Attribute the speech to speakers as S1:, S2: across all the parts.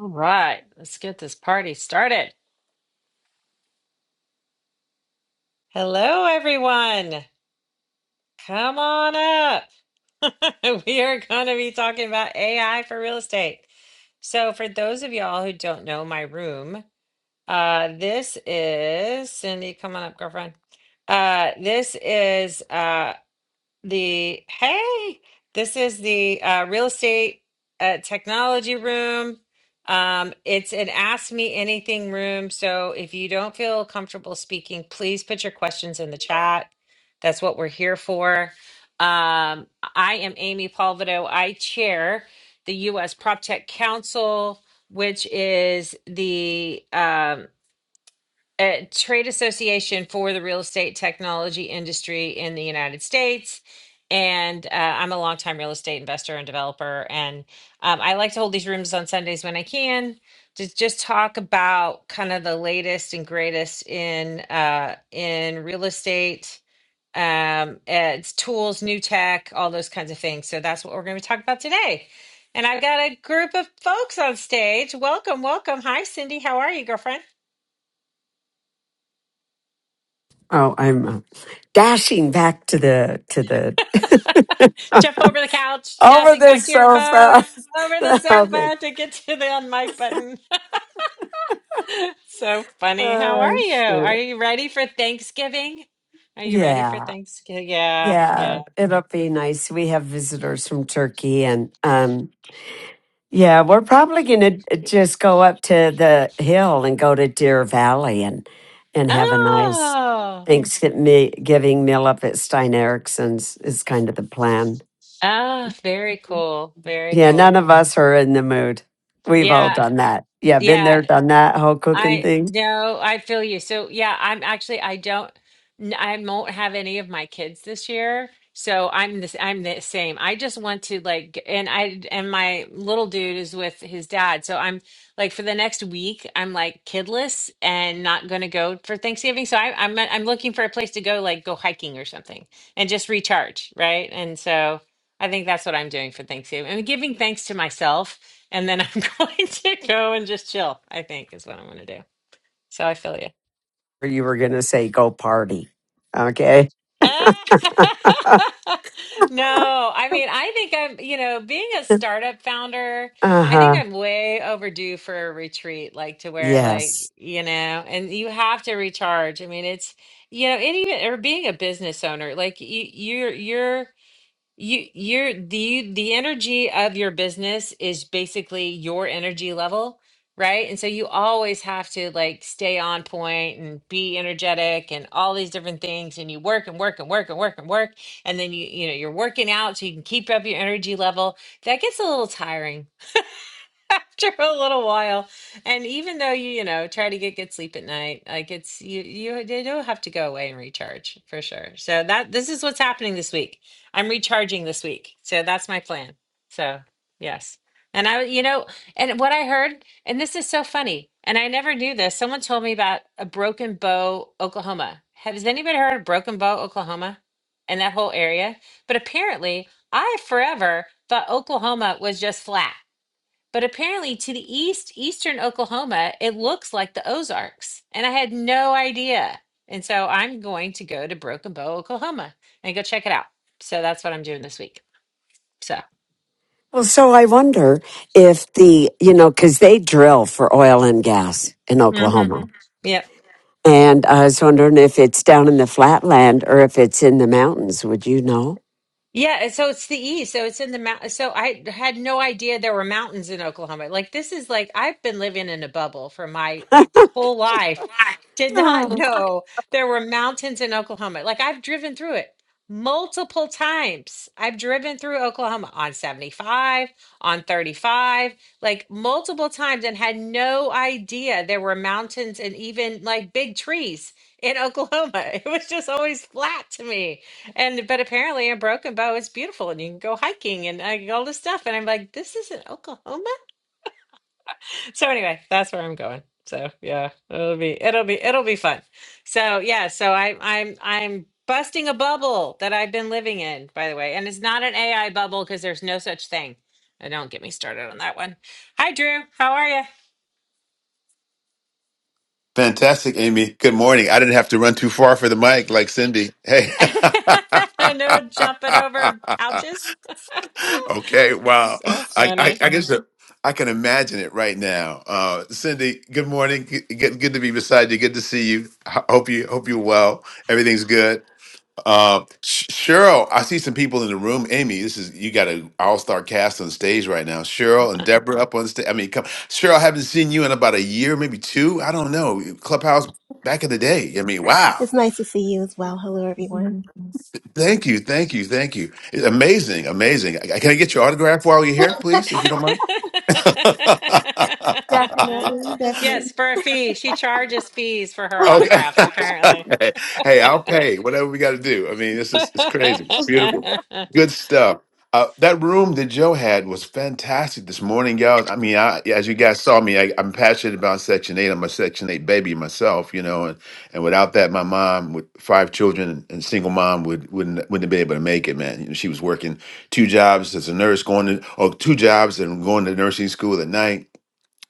S1: All right, let's get this party started. Hello, everyone. Come on up. we are going to be talking about AI for real estate. So, for those of y'all who don't know my room, uh, this is Cindy. Come on up, girlfriend. Uh, this is uh, the hey, this is the uh, real estate uh, technology room. Um, it's an ask me anything room. So if you don't feel comfortable speaking, please put your questions in the chat. That's what we're here for. Um, I am Amy Palvido. I chair the U.S. PropTech Council, which is the um, uh, trade association for the real estate technology industry in the United States. And uh, I'm a longtime real estate investor and developer. And um, I like to hold these rooms on Sundays when I can to just talk about kind of the latest and greatest in uh, in real estate, um, it's tools, new tech, all those kinds of things. So that's what we're going to talk about today. And I've got a group of folks on stage. Welcome, welcome. Hi, Cindy. How are you, girlfriend?
S2: Oh, I'm uh, dashing back to the to the
S1: Jump over the couch,
S2: over
S1: dashing
S2: the
S1: back to your phone,
S2: sofa.
S1: over the
S2: oh, thank-
S1: sofa to get to the unmic button. so funny. How are
S2: oh,
S1: you? Are
S2: sure.
S1: you ready for Thanksgiving? Are you ready for
S2: Yeah,
S1: Thanksgiving? Yeah,
S2: yeah.
S1: yeah.
S2: It'll be nice. We have visitors from Turkey, and um, yeah, we're probably gonna uh, just go up to the hill and go to Deer Valley and and have a nice
S1: Oh,
S2: Thanksgiving meal up at Stein Erickson's is kind of the plan.
S1: ah, very cool. Very
S2: Yeah, none of
S1: cool.
S2: us are in the mood. We've all
S1: Yeah,
S2: done that. Yeah, been
S1: yeah.
S2: there, done that whole cooking
S1: I
S2: thing.
S1: no, I feel you. So yeah, I'm actually I don't n- I won't have any of my kids this year. So I'm this I'm the same. I just want to like g- and I and my little dude is with his dad. So I'm like for the next week, I'm like kidless and not gonna go for Thanksgiving. So I I'm I'm looking for a place to go like go hiking or something and just recharge, right? And so I think that's what I'm doing for Thanksgiving. I'm giving thanks to myself, and then I'm going to go and just chill, I think is what I'm going to do. So I feel you.
S2: Or you were going to say go party. Okay.
S1: no, I mean, I think I'm, you know, being a startup founder,
S2: Uh
S1: I think
S2: huh.
S1: I'm way overdue for a retreat, like to where, like,
S2: Yes.
S1: you know, and you have to recharge. I mean, it's, you know, and even or being a business owner, like you, you're, you're, You, you're the the energy of your business is basically your energy level, right? And so you always have to like stay on point and be energetic and all these different things. And you work and work and work and work and work, and then you you know you're working out so you can keep up your energy level. That gets a little tiring. after a little while. And even though you, you know, try to get good sleep at night, like it's you you you do have to go away and recharge for sure. So that this is what's happening this week. I'm recharging this week. So that's my plan. So, yes. And I you know, and what I heard, and this is so funny, and I never knew this. Someone told me about a Broken Bow, Oklahoma. Has anybody heard of Broken Bow, Oklahoma? And that whole area? But apparently, I forever thought Oklahoma was just flat. But apparently, to the east, eastern Oklahoma, it looks like the Ozarks. And I had no idea. And so I'm going to go to Broken Bow, Oklahoma and go check it out. So that's what I'm doing this week. So,
S2: Well, so I wonder if the, you know, because they drill for oil and gas in
S1: mm-hmm.
S2: Oklahoma.
S1: yep.
S2: And I was wondering if it's down in the flatland or if it's in the mountains. Would you know?
S1: Yeah, and so it's the east. So it's in the mount. So I had no idea there were mountains in Oklahoma. Like this is like I've been living in a bubble for my whole life. Did
S2: Yeah.
S1: not know there were mountains in Oklahoma. Like I've driven through it multiple times. I've driven through Oklahoma on 75, on 35, like multiple times and had no idea there were mountains and even like big trees in Oklahoma. It was just always flat to me and but apparently a broken bow is beautiful and you can go hiking and like, all this stuff. And I'm like, this is in Oklahoma. So anyway, that's where I'm going. So yeah, it'll be it'll be it'll be fun. So yeah, so I I'm I'm busting a bubble that I've been living in, by the way. And it's not an AI bubble because there's no such thing. And don't get me started on that one. Hi Drew, how are you?
S3: Fantastic, Amy. Good morning. I didn't have to run too far for the mic like Cindy. Hey.
S1: no jumping over couches.
S3: okay. Wow.
S1: So
S3: I, I,
S1: funny.
S3: I guess that- I can imagine it right now. Uh, Cindy, good morning. Good, good good to be beside you. Good to see you. Ho- Hope you hope you're well. Everything's good. Uh, Sh- Cheryl, I see some people in the room. Amy, this is you got an all-star cast on stage right now. Cheryl and Deborah up on stage. I mean, come, Cheryl, I haven't seen you in about a year, maybe two. I don't know. Clubhouse back in the day. I mean, wow.
S4: It's nice to see you as well. Hello, everyone.
S3: Thank you, thank you, thank you. It's amazing, amazing. I- Can I get your autograph while you're here, please, if you don't mind?
S4: Definitely, definitely.
S1: yes, for a fee. She charges fees for her
S3: Okay.
S1: autographs, apparently.
S3: hey, I'll pay whatever we got to do. I mean, this is it's crazy. It's beautiful. Good stuff. Uh, that room that Joe had was fantastic this morning, guys. I mean, I, as you guys saw me, I, I'm passionate about Section Eight. I'm a Section Eight baby myself, you know, and, and without that, my mom with five children and single mom would wouldn't wouldn't have been able to make it, man. You know, she was working two jobs as a nurse, going to or two jobs and going to nursing school at night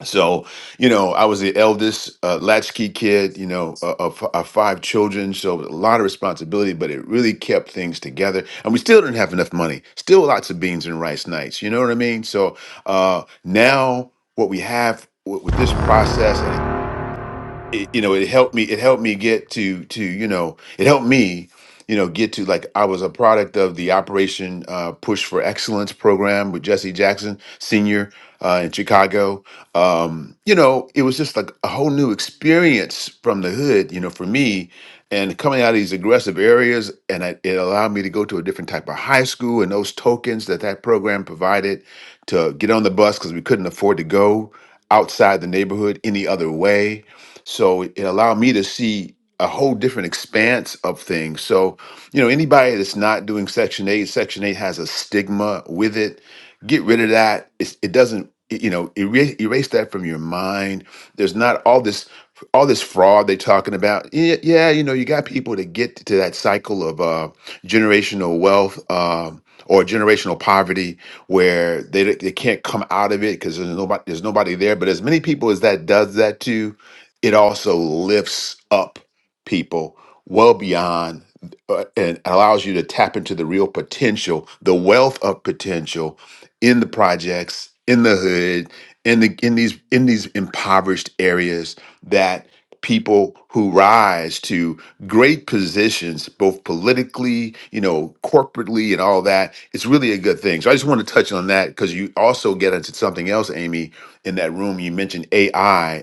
S3: so, you know, I was the eldest uh, latchkey kid, you know, uh, of, of five children. So, a lot of responsibility, but it really kept things together. And we still didn't have enough money, still lots of beans and rice nights. You know what I mean? So, uh, now what we have w- with this process, and it, you know it helped me it helped me get to to you know it helped me you know get to like i was a product of the operation uh, push for excellence program with jesse jackson senior uh, in chicago um, you know it was just like a whole new experience from the hood you know for me and coming out of these aggressive areas and I, it allowed me to go to a different type of high school and those tokens that that program provided to get on the bus because we couldn't afford to go outside the neighborhood any other way so it allowed me to see a whole different expanse of things. So, you know, anybody that's not doing Section 8, Section 8 has a stigma with it. Get rid of that. It's, it doesn't, it- you know, erase, erase that from your mind. There's not all this all this fraud they're talking about. Yeah, yeah, you know, you got people to get to that cycle of uh, generational wealth um, or generational poverty where they, they can't come out of it because there's nobody there's nobody there. But as many people as that does that to, it also lifts up people well beyond uh, and allows you to tap into the real potential, the wealth of potential in the projects, in the hood, in the in these in these impoverished areas that people who rise to great positions both politically you know corporately and all that it's really a good thing so i just want to touch on that because you also get into something else amy in that room you mentioned ai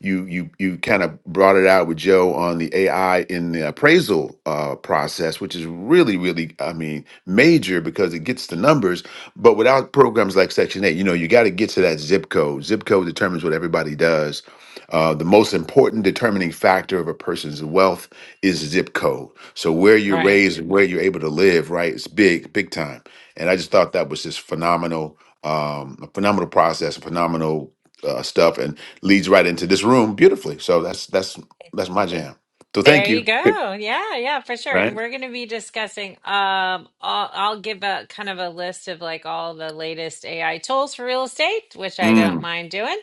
S3: you you you kind of brought it out with Joe on the AI in the appraisal uh, process, which is really really I mean major because it gets the numbers. But without programs like Section Eight, you know, you got to get to that zip code. Zip code determines what everybody does. Uh, the most important determining factor of a person's wealth is zip code. So where you're
S1: right.
S3: raised and where you're able to live, right? It's big, big time. And I just thought that was just phenomenal, um, a phenomenal process, phenomenal uh, stuff. And leads right into this room beautifully. So that's that's that's my jam. So
S1: There
S3: thank
S1: you
S3: you. Good.
S1: go. Yeah, yeah, for sure. And
S3: Right?
S1: we're going to be discussing um I'll, I'll give a kind of a list of like all the latest AI tools for real estate, which I don't
S3: Mm,
S1: mind doing.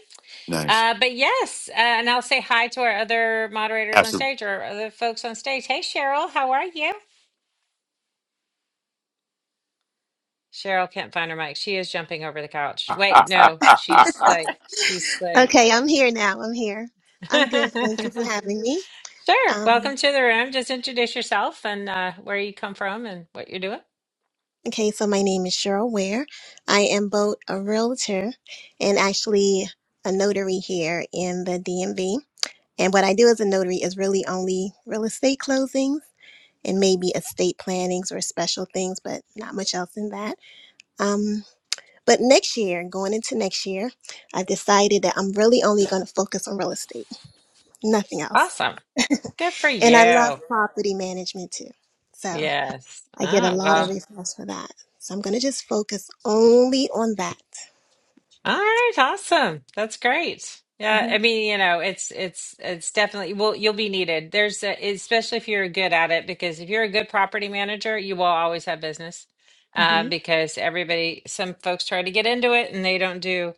S3: nice.
S1: Uh but yes, uh, and I'll say hi to our other moderators on
S3: Absolutely.
S1: stage or other folks on stage. Hey Cheryl, how are you? Cheryl can't find her mic. She is jumping over the couch. Wait, no, she's like, she's like,
S4: Okay, I'm here now. I'm here. I'm good. Thank you for having me.
S1: sure.
S4: Um,
S1: Welcome to the room. Just introduce yourself and uh, where you come from and what you're doing.
S4: okay, so my name is Cheryl Ware. I am both a realtor and actually a notary here in the DMV. And what I do as a notary is really only real estate closings and maybe estate plannings or special things, but not much else in that. Um, but next year, going into next year, I've decided that I'm really only going to focus on real estate. nothing else.
S1: Awesome. Good for
S4: And I love
S1: you.
S4: property management too. So
S1: Yes.
S4: I get a
S1: Ah,
S4: lot of
S1: well.
S4: referrals for that. So I'm going to just focus only on that.
S1: All right, awesome. That's great. Yeah,
S4: hmm
S1: I mean, you know, it's it's it's definitely well, you'll be needed. There's a, especially if you're good at it, because if you're a good property manager, you will always have business. Uh,
S4: hmm
S1: because everybody, some folks try to get into it and they don't do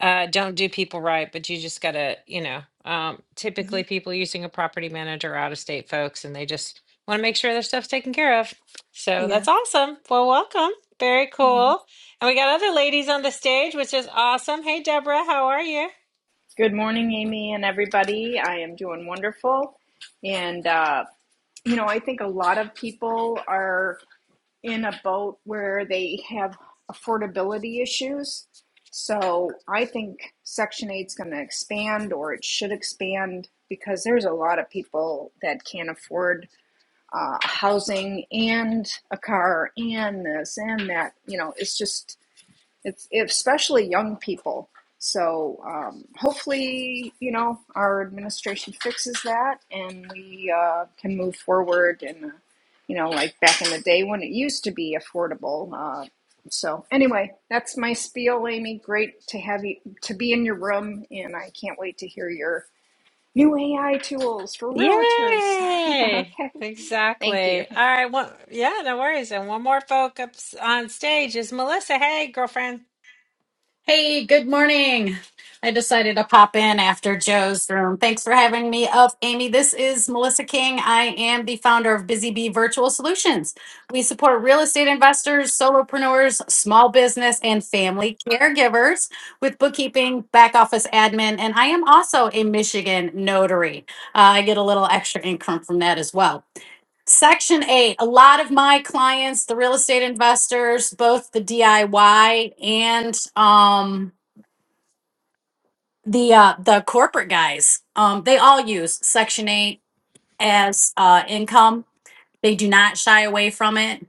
S1: uh, don't do people right, but you just gotta, you know, um,
S4: hmm
S1: typically people using a property manager are out of state folks and they just want to make sure their stuff's taken care of. So
S4: Yeah.
S1: that's awesome. Well, welcome. Very
S4: Mm-hmm.
S1: cool. And we got other ladies on the stage, which is awesome. Hey, Deborah, how are you?
S5: Good morning, Amy, and everybody. I am doing wonderful. And, uh, you know, I think a lot of people are in a boat where they have affordability issues. So I think Section 8 is going to expand or it should expand because there's a lot of people that can't afford uh, housing and a car and this and that. You know, it's just it's especially young people. So um, hopefully, you know, our administration fixes that, and we uh, can move forward. And uh, you know, like back in the day when it used to be affordable. Uh, so anyway, that's my spiel, Amy. Great to have you to be in your room, and I can't wait to hear your new AI tools for realtors.
S1: Yay!
S5: okay, thank you.
S1: Exactly. All right. One, yeah, no worries. And one more folk up s- on stage is Melissa. Hey, girlfriend.
S6: Hey, good morning. I decided to pop in after Joe's room. Thanks for having me up, Amy. This is Melissa King. I am the founder of Busy Bee Virtual Solutions. We support real estate investors, solopreneurs, small business, and family caregivers with bookkeeping, back office admin, and I am also a Michigan notary. Uh, I get a little extra income from that as well. Section eight, a lot of my clients, the real estate investors, both the DIY and um, the uh, the corporate guys, um, they all use Section eight as uh, income. They do not shy away from it.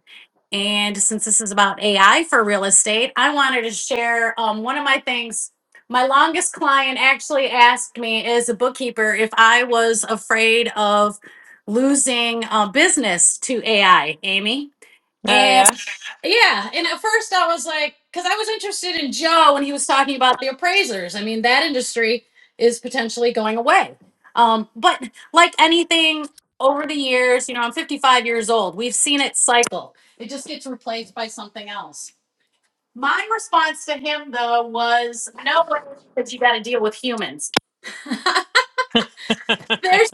S6: And since this is about AI for real estate, I wanted to share um, one of my things. My longest client actually asked me as a bookkeeper if I was afraid of losing uh, business to AI. Amy. And
S1: Oh,
S6: yeah, and at first I was like, because I was interested in Joe when he was talking about the appraisers. I mean, that industry is potentially going away. Um, but like anything over the years, you know, I'm 55 years old. We've seen it cycle, it just gets replaced by something else. My response to him, though, was no, because you got to deal with humans.
S1: yeah.
S6: There's.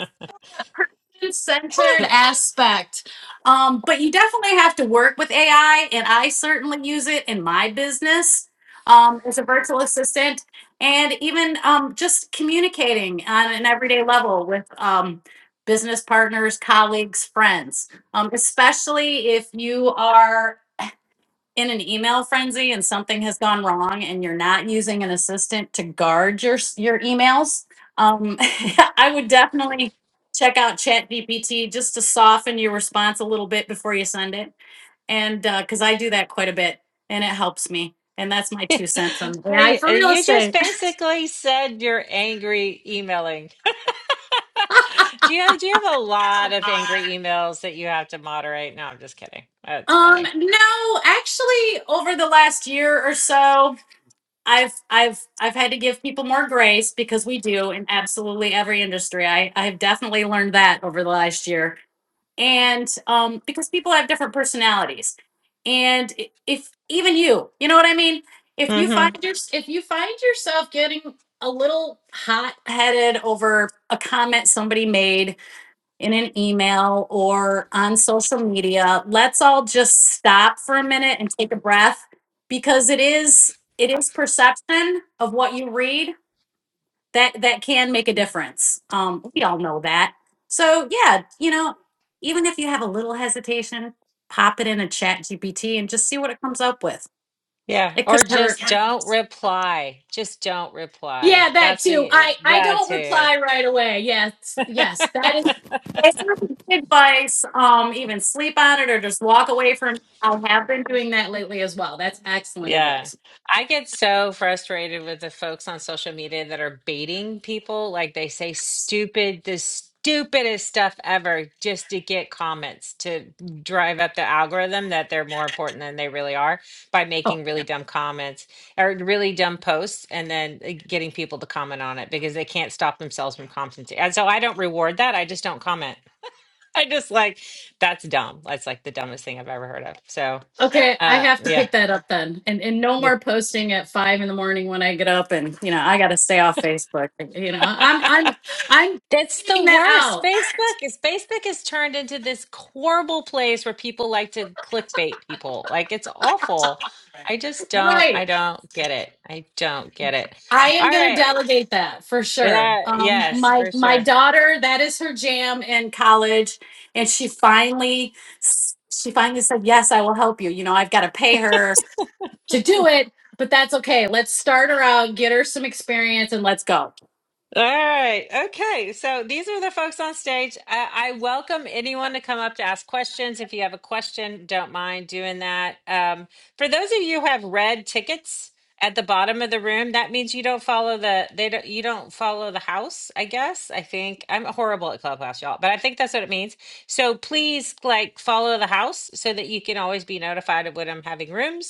S6: centered aspect. Um, but you definitely have to work with AI, and I certainly use it in my business um, as a virtual assistant, and even um, just communicating on an everyday level with um, business partners, colleagues, friends, um, especially if you are in an email frenzy and something has gone wrong and you're not using an assistant to guard your s- your emails, um, I would definitely check out ChatGPT just to soften your response a little bit before you send it, and because I do that quite a bit and it helps me. And that's my two cents on AI
S1: Hey,
S6: for
S1: uh,
S6: real
S1: you just
S6: estate.
S1: basically said you're angry emailing. Do you have, do you have a lot of angry emails that you have to moderate? No, I'm just kidding. That's
S6: Um,
S1: funny.
S6: no, actually, over the last year or so, I've I've I've had to give people more grace because we do in absolutely every industry. I I have definitely learned that over the last year, and um, because people have different personalities, and i- if even you, you know what I mean. If you
S1: Mm-hmm.
S6: find your if you find yourself getting a little hot headed over a comment somebody made in an email or on social media. Let's all just stop for a minute and take a breath because it is it is perception of what you read that that can make a difference. Um, we all know that. So yeah, you know, even if you have a little hesitation, pop it in a chat GPT and just see what it comes up with.
S1: Yeah,
S6: It could
S1: or just
S6: hurt.
S1: don't reply. Just don't
S6: Yeah,
S1: reply.
S6: that
S1: That's
S6: too.
S1: the
S6: I I
S1: yeah
S6: don't
S1: too.
S6: reply right away. Yes, yes, that is that's not good advice. Um, even sleep on it or just walk away from. I have been doing that lately as well. That's excellent
S1: Yeah.
S6: advice.
S1: I get so frustrated with the folks on social media that are baiting people. Like they say
S6: Yes.
S1: stupid, the stupidest stuff ever just to get comments to drive up the algorithm that they're more important than they really are by
S6: Oh,
S1: making really
S6: yeah.
S1: dumb comments or really dumb posts and then uh, getting people to comment on it because they can't stop themselves from commenting. And so I don't reward that. I just don't comment. I just like, that's dumb. That's like the dumbest thing I've ever heard of. So,
S6: okay. I
S1: uh,
S6: have to
S1: yeah.
S6: pick that up then, and and no
S1: Yeah.
S6: more posting at five in the morning when I get up, and you know I got to stay off Facebook. You know, I'm I'm I'm
S1: That's the
S6: getting that
S1: worst.
S6: out.
S1: Facebook is Facebook has turned into this horrible place where people like to clickbait people. Like it's awful. I just don't
S6: Right.
S1: I don't get it. I don't get it.
S6: I am
S1: All
S6: going to
S1: right.
S6: delegate that for sure.
S1: Yeah,
S6: Um,
S1: yes,
S6: my
S1: for
S6: my
S1: sure.
S6: daughter, that is her jam in college, and she finally she finally said, "Yes, I will help you." You know, I've got to pay her to do it, but that's okay. Let's start her out, get her some experience, and let's go.
S1: All right. Okay. So these are the folks on stage. I, I welcome anyone to come up to ask questions. If you have a question, don't mind doing that. Um, for those of you who have red tickets at the bottom of the room, that means you don't follow the they don't you don't follow the house. I guess I think I'm horrible at clubhouse, y'all, but I think that's what it means. So please like follow the house so that you can always be notified of when I'm having rooms.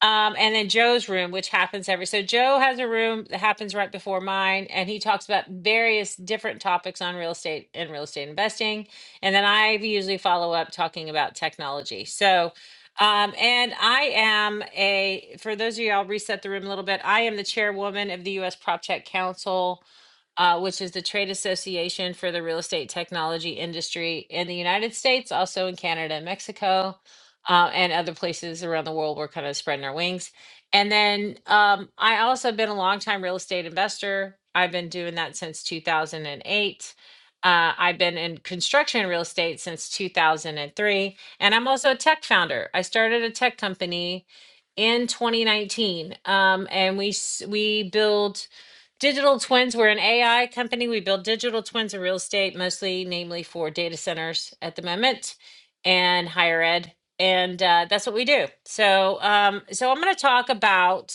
S1: Um, and then Joe's room, which happens every so Joe has a room that happens right before mine, and he talks about various different topics on real estate and real estate investing. And then I usually follow up talking about technology. So, um, and I am a for those of you, I'll reset the room a little bit. I am the chairwoman of the U.S. Prop Tech Council uh, which is the trade association for the real estate technology industry in the United States, also in Canada and Mexico uh, and other places around the world. We're kind of spreading our wings. And then um, I also have been a longtime real estate investor. I've been doing that since 2008. Uh, I've been in construction and real estate since 2003. And I'm also a tech founder. I started a tech company in 2019. Um, and we, s- we build Digital twins, we're an AI company. We build digital twins of real estate, mostly namely for data centers at the moment and higher ed. And uh, that's what we do. So, um, so I'm going to talk about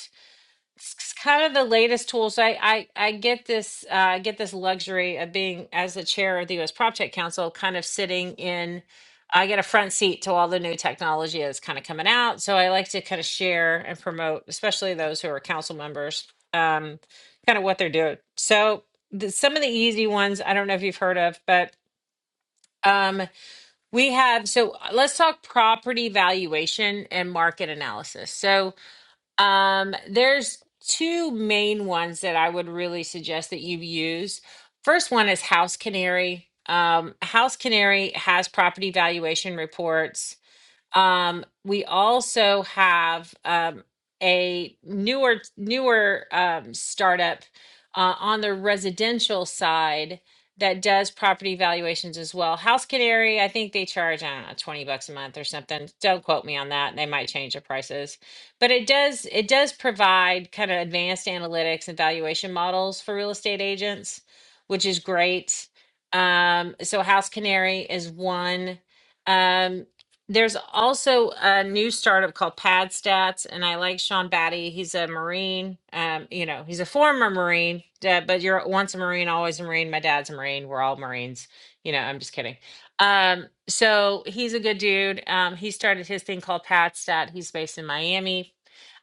S1: it's kind of the latest tools. I I, I get this uh, I get this luxury of being as the chair of the U.S. Prop Tech Council, kind of sitting in. I get a front seat to all the new technology that's kind of coming out. So I like to kind of share and promote, especially those who are council members, um, kind of what they're doing. So the, some of the easy ones I don't know if you've heard of, but um, we have. So uh, let's talk property valuation and market analysis. So um, there's two main ones that I would really suggest that you use. First one is House Canary. Um, House Canary has property valuation reports um, we also have um, a newer newer um, startup uh, on the residential side that does property valuations as well. House Canary, I think they charge I don't know twenty bucks a month or something. Don't quote me on that; they might change the prices. But it does it does provide kind of advanced analytics and valuation models for real estate agents, which is great. Um, so House Canary is one. Um, there's also a new startup called Pad Stats, and I like Sean Batty. He's a Marine. Um, you know, he's a former Marine, uh, but you're once a Marine, always a Marine. My dad's a Marine. We're all Marines. You know, I'm just kidding. Um, so he's a good dude. Um, he started his thing called Pad Stat. He's based in Miami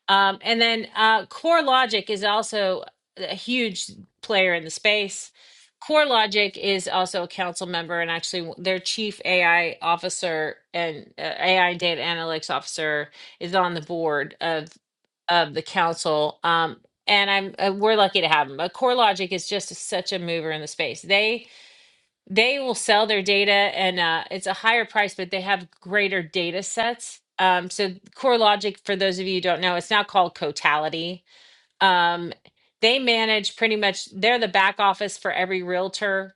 S1: um, and then uh, Core Logic is also a huge player in the space. Core Logic is also a council member and actually their chief AI officer and uh, AI and data analytics officer is on the board of of the council. Um, and I'm uh, we're lucky to have them. But Core Logic is just such a mover in the space. They they will sell their data and uh, it's a higher price, but they have greater data sets. Um, so CoreLogic, for those of you who don't know, it's now called Cotality. Um, they manage pretty much, they're the back office for every realtor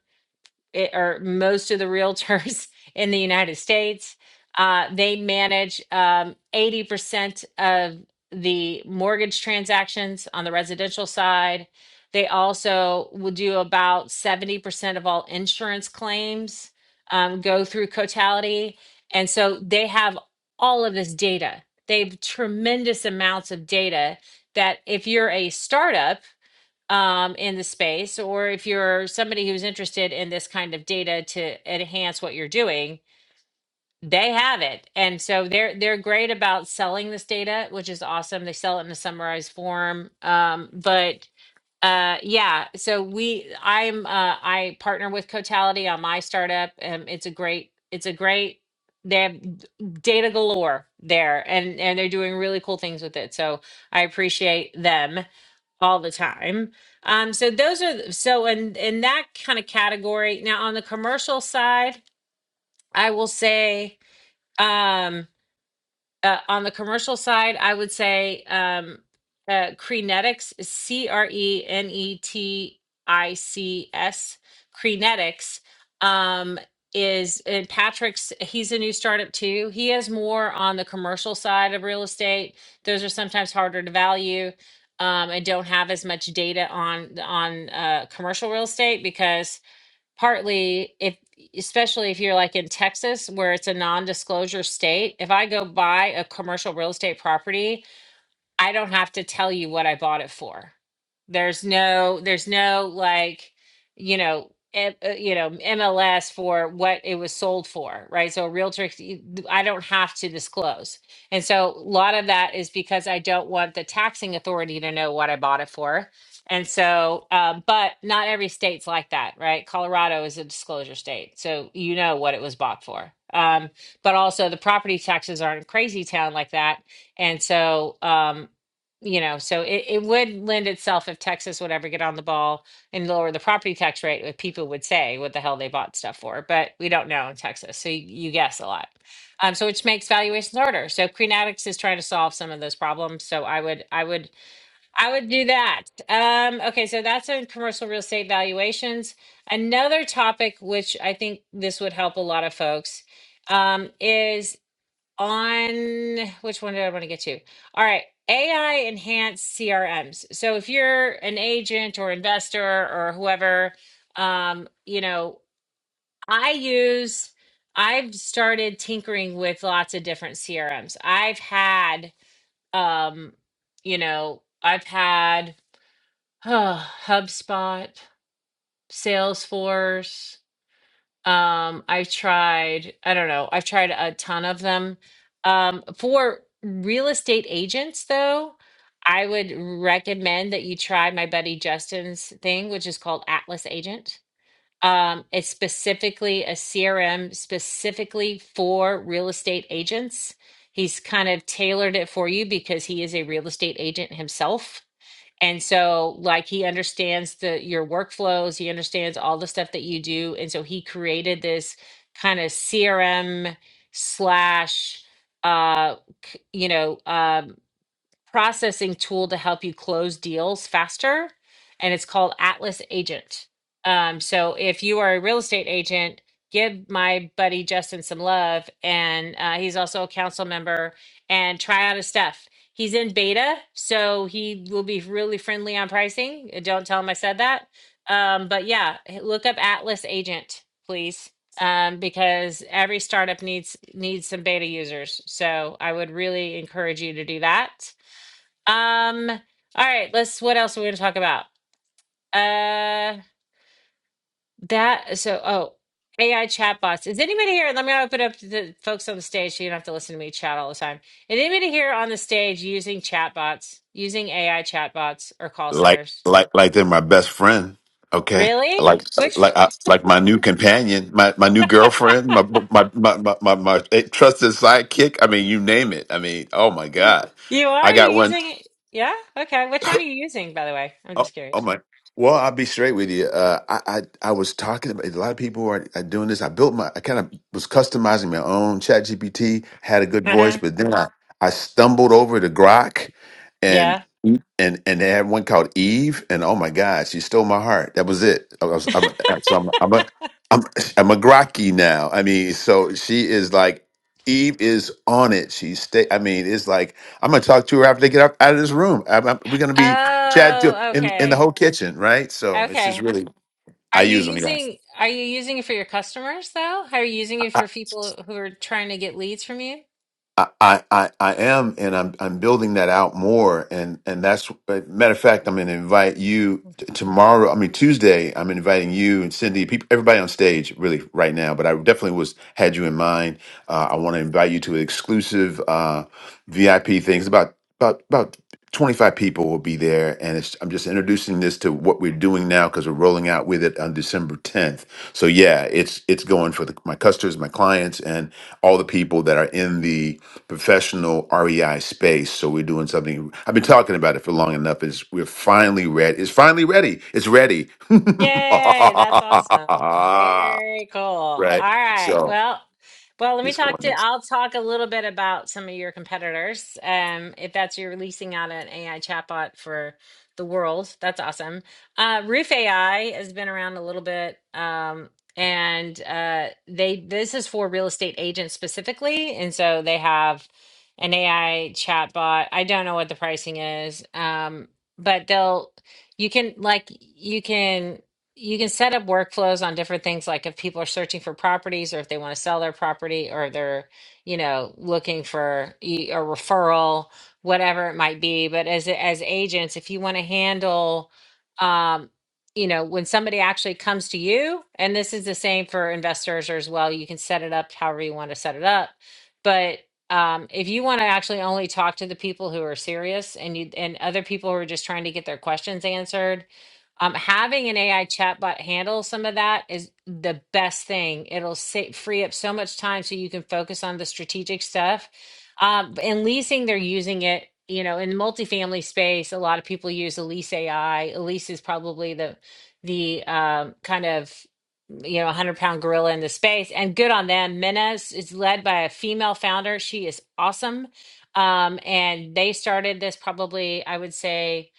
S1: it- or most of the realtors in the United States. Uh, they manage um, 80% of the mortgage transactions on the residential side. They also will do about 70% of all insurance claims um, go through Cotality. And so they have all of this data. They have tremendous amounts of data that if you're a startup, um, in the space, or if you're somebody who's interested in this kind of data to enhance what you're doing, they have it. And so they're they're great about selling this data, which is awesome. They sell it in a summarized form. Um, but uh, yeah, so we I'm uh, I partner with Cotality on my startup. Um, it's a great it's a great they have d- data galore there and and they're doing really cool things with it. So I appreciate them all the time. Um, so those are so in in that kind of category. Now on the commercial side, I will say um, uh, on the commercial side, I would say um, uh, Crenetics is C R E N E T I C S. Crenetics um, is, and Patrick's, he's a new startup too. He has more on the commercial side of real estate. Those are sometimes harder to value. Um, and don't have as much data on on uh, commercial real estate because partly if especially if you're like in Texas where it's a non-disclosure state, if I go buy a commercial real estate property I don't have to tell you what I bought it for. There's no, there's no like, you know, M- uh, you know, MLS for what it was sold for, right? So a realtor, c- I don't have to disclose. And so a lot of that is because I don't want the taxing authority to know what I bought it for. And so, um, but not every state's like that, right? Colorado is a disclosure state, so you know what it was bought for. Um, but also, the property taxes aren't crazy town like that and so, um, you know, so it, it would lend itself if Texas would ever get on the ball and lower the property tax rate, if people would say what the hell they bought stuff for, but we don't know in Texas. So you, you guess a lot. Um, so which makes valuations harder. So Green Addicts is trying to solve some of those problems. So I would, I would, I would do that. Um, okay, so that's in commercial real estate valuations. Another topic which I think this would help a lot of folks um, is on which one did I want to get to? All right, AI enhanced CRMs. So if you're an agent or investor or whoever, um, you know, I use I've started tinkering with lots of different CRMs. I've had um, you know, I've had HubSpot, Salesforce. Um, I've tried, I don't know, I've tried a ton of them. Um, for real estate agents, though, I would recommend that you try my buddy Justin's thing, which is called Atlas Agent. Um, it's specifically a CRM specifically for real estate agents. He's kind of tailored it for you because he is a real estate agent himself. And so like he understands the your workflows, he understands all the stuff that you do. And so he created this kind of CRM slash uh c- you know um processing tool to help you close deals faster, and it's called Atlas Agent. Um, so if you are a real estate agent, give my buddy Justin some love, and uh, he's also a council member, and try out his stuff. He's in beta, so he will be really friendly on pricing. Uh, Don't tell him I said that. Um, but yeah, h- look up Atlas Agent, please um, because every startup needs needs some beta users. So I would really encourage you to do that. Um, all right, let's what else are we gonna talk about? Uh that so oh AI chatbots. Is anybody here? Let me open up to the folks on the stage so you don't have to listen to me chat all the time. Is anybody here on the stage using chatbots, using AI chatbots or call
S3: Like
S1: centers?
S3: like like they're my best friend. Okay.
S1: Really?
S3: Like
S1: Which
S3: like I, like my new companion, my, my new girlfriend, my my, my my my my eh, trusted sidekick. I mean, you name it. I mean, oh my god,
S1: you
S3: I
S1: are? You
S3: got one.
S1: using yeah? Okay. Which one are you using, by the way? I'm
S3: Oh,
S1: just
S3: oh
S1: curious.
S3: my. Well, I'll be straight with you. Uh, I, I I was talking about a lot of people are, are doing this. I built my I kind of was customizing my own Chat GPT, had a good voice,
S1: Uh-huh.
S3: but then I, I stumbled over to Grok and
S1: Yeah.
S3: Mm. and and they had one called Eve, and oh my God, she stole my heart. That was it. I was, I'm, so I'm I'm a I'm I'm a Grokky now. I mean, so she is like Eve is on it. She stay. I mean, it's like I'm gonna talk to her after they get out, out of this room. I'm, I'm- we're gonna be Chad do
S1: Oh,
S3: in in the
S1: okay.
S3: whole kitchen, right? So it's just
S1: Okay.
S3: really
S1: Are
S3: I
S1: you
S3: use them. Yeah,
S1: using are you using it for your customers though? Are you using it for people who are trying to get leads from you?
S3: I, I, I I am, and I'm I'm building that out more, and and that's but matter of fact, I'm going to invite you t- tomorrow. I mean Tuesday, I'm inviting you and Cindy, people, everybody on stage, really right now. But I definitely was had you in mind. Uh, I want to invite you to an exclusive uh, VIP things. About about about 25 people will be there, and it's, I'm just introducing this to what we're doing now because we're rolling out with it on December 10th. So yeah, it's it's going for the, my customers, my clients, and all the people that are in the professional REI space. So we're doing something. I've been talking about it for long enough. Is we're finally ready. It's finally ready. It's ready. right.
S1: Yay, that's awesome. Very cool. All right.
S3: So
S1: Well, well, let me
S3: it's
S1: talk
S3: going
S1: to
S3: next.
S1: I'll talk a little bit about some of your competitors. Um, if that's you're releasing out an AI chatbot for the world, that's awesome. Uh, Roof AI has been around a little bit. Um, and uh, they this is for real estate agents specifically, and so they have an AI chatbot. I don't know what the pricing is. Um, but they'll you can like you can you can set up workflows on different things like if people are searching for properties or if they want to sell their property or they're you know looking for e- a referral whatever it might be but as as agents if you want to handle um you know when somebody actually comes to you and this is the same for investors as well you can set it up however you want to set it up but um, if you want to actually only talk to the people who are serious and you and other people who are just trying to get their questions answered um, having an AI chatbot handle some of that is the best thing. It'll sa- free up so much time so you can focus on the strategic stuff. Um, b- and leasing, they're using it, you know, in the multifamily space. A lot of people use Elise AI. Elise is probably the the um, kind of you know, 100 pound gorilla in the space and good on them. Menace is led by a female founder. She is awesome. Um, and they started this probably, I would say,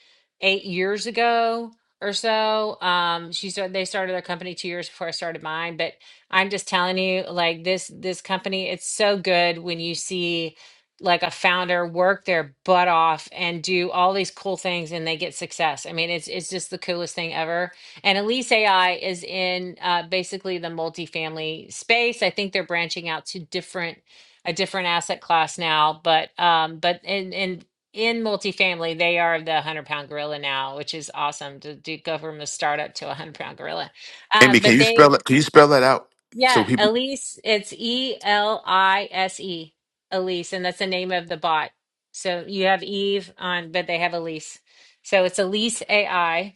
S1: eight years ago or so. Um, she started they started their company two years before I started mine. But I'm just telling you, like this this company, it's so good when you see like a founder work their butt off and do all these cool things and they get success. I mean, it's it's just the coolest thing ever. And Elise AI is in uh, basically the multifamily space. I think they're branching out to different a different asset class now, but um, but and and in multifamily, they are the hundred pound gorilla now, which is awesome to, do go from a startup to a hundred pound gorilla. Uh,
S3: Amy, can
S1: but
S3: you
S1: they,
S3: spell it? Can you spell that out
S1: yeah,
S3: so people?
S1: Elise, it's E L I S E, Elise, and that's the name of the bot. So you have Eve on, but they have Elise. So it's Elise AI.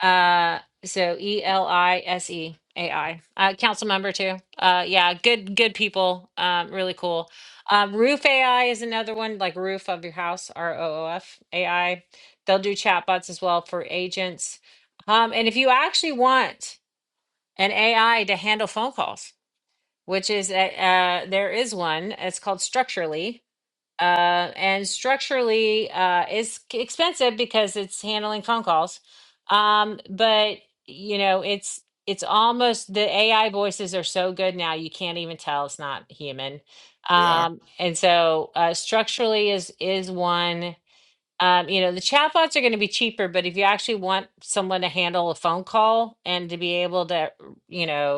S1: Uh, so E L I S E A I. Uh, council member too. Uh, yeah, good, good people. Um, really cool. Um, Roof AI is another one, like roof of your house, R O O F A I. They'll do chatbots as well for agents. Um, and if you actually want an AI to handle phone calls, which is a, uh, there is one. It's called Structurally uh, and structurally uh, is c- expensive because it's handling phone calls. Um, but you know, it's it's almost the AI voices are so good now you can't even tell it's not human.
S3: They are.
S1: Um, and so uh, structurally is is one. Um, you know, the chatbots are going to be cheaper, but if you actually want someone to handle a phone call and to be able to, you know,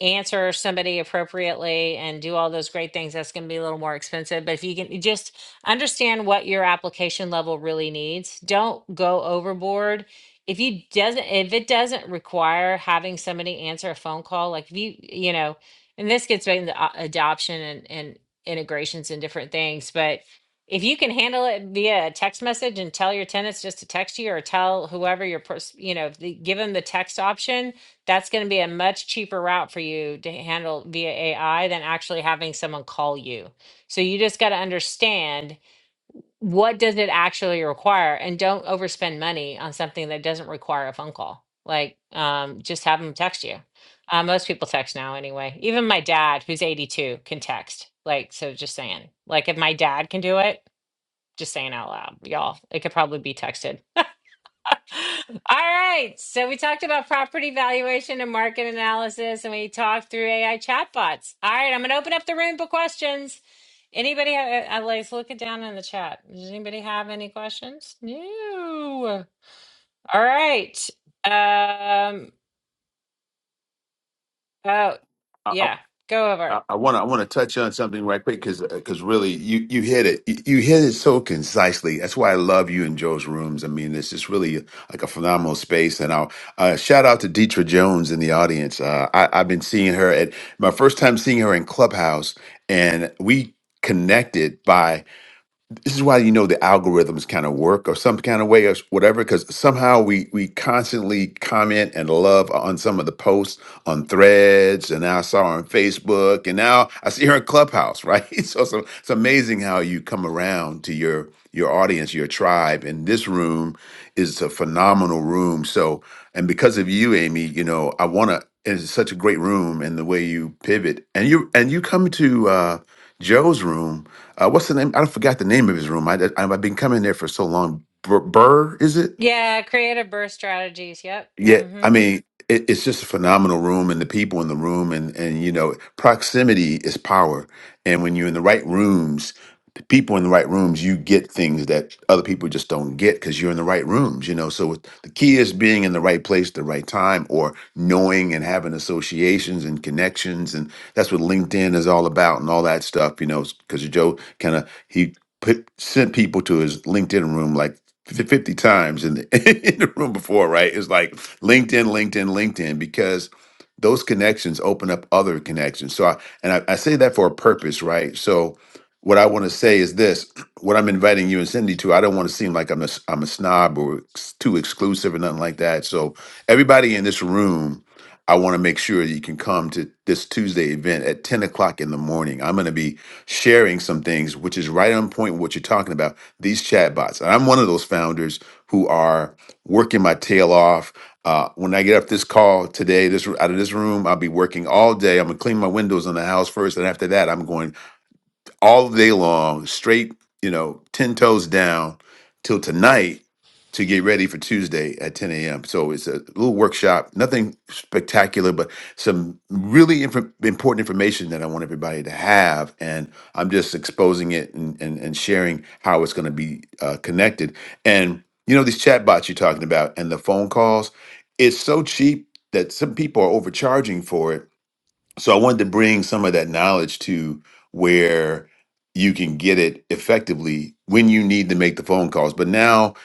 S1: answer somebody appropriately and do all those great things, that's going to be a little more expensive. But if you can just understand what your application level really needs, don't go overboard. If you doesn't, if it doesn't require having somebody answer a phone call, like if you, you know, and this gets back into a- adoption and, and integrations and different things, but if you can handle it via a text message and tell your tenants just to text you or tell whoever your person, you know, the, give them the text option, that's going to be a much cheaper route for you to handle via AI than actually having someone call you. So you just got to understand what does it actually require and don't overspend money on something that doesn't require a phone call. Like um, just have them text you. Uh, most people text now anyway. Even my dad, who's 82, can text. Like, so just saying, like if my dad can do it, just saying out loud, y'all, it could probably be texted. All right. So we talked about property valuation and market analysis, and we talked through AI chatbots. All right. I'm going to open up the room for questions. Anybody? Have, I like looking down in the chat. Does anybody have any questions? No. All right. Um. Oh, yeah. Go over
S3: I
S1: it.
S3: I want to I want to touch on something right quick because because really you you hit it you, you hit it so concisely. That's why I love you and Joe's rooms. I mean, it's just really like a phenomenal space. And I'll uh, shout out to Deetra Jones in the audience. Uh, I, I've been seeing her at my first time seeing her in Clubhouse, and we connected by this is why you know the algorithms kind of work or some kind of way or whatever because somehow we we constantly comment and love on some of the posts on threads and now i saw her on facebook and now i see her in clubhouse right so, so it's amazing how you come around to your your audience your tribe and this room is a phenomenal room so and because of you amy you know i want to it's such a great room and the way you pivot and you and you come to uh joe's room uh, what's the name? I don't forgot the name of his room. I, I, I've been coming there for so long. Bur, Burr, is it?
S1: Yeah. Creative burst strategies. Yep.
S3: Yeah,
S1: Mm-hmm.
S3: I mean, it, it's just a phenomenal room, and the people in the room, and and you know, proximity is power. And when you're in the right rooms, the people in the right rooms, you get things that other people just don't get because you're in the right rooms. You know, so it- the key is being in the right place, at the right time, or knowing and having associations and connections, and that's what LinkedIn is all about, and all that stuff. You know, because Joe kind of he put sent people to his LinkedIn room like 50 times in the, in the room before, right? It's like LinkedIn, LinkedIn, LinkedIn, because those connections open up other connections. So, I, and I, I say that for a purpose, right? So, what I want to say is this: what I'm inviting you and Cindy to, I don't want to seem like I'm a s- I'm a snob or ex- too exclusive or nothing like that. So, everybody in this room. I want to make sure that you can come to this Tuesday event at 10 o'clock in the morning. I'm going to be sharing some things, which is right on point with what you're talking about these chatbots. And I'm one of those founders who are working my tail off. Uh, when I get up this call today, this out of this room, I'll be working all day. I'm gonna clean my windows in the house first, and after that, I'm going all day long, straight, you know, 10 toes down till tonight to get ready for Tuesday at 10 a.m. So it's a little workshop, nothing spectacular, but some really inf- important information that I want everybody to have. And I'm just exposing it and, and, and sharing how it's going to be uh, connected. And, you know, these chat bots you're talking about and the phone calls, it's so cheap that some people are overcharging for it so I wanted to bring some of that knowledge to where you can get it effectively when you need to make the phone calls. But now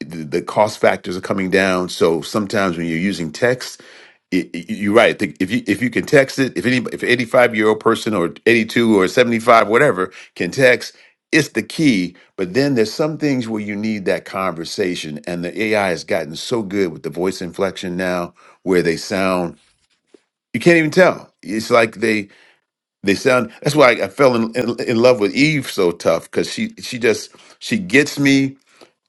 S3: the, the cost factors are coming down. So sometimes when you're using text, it, it- you're right. The- If you if you can text it, if any if an 85 year old person or 82 or 75 whatever can text, it's the key. But then there's some things where you need that conversation, and the AI has gotten so good with the voice inflection now, where they sound you can't even tell. It's like they they sound. That's why I, I fell in, in in love with Eve so tough because she she just she gets me.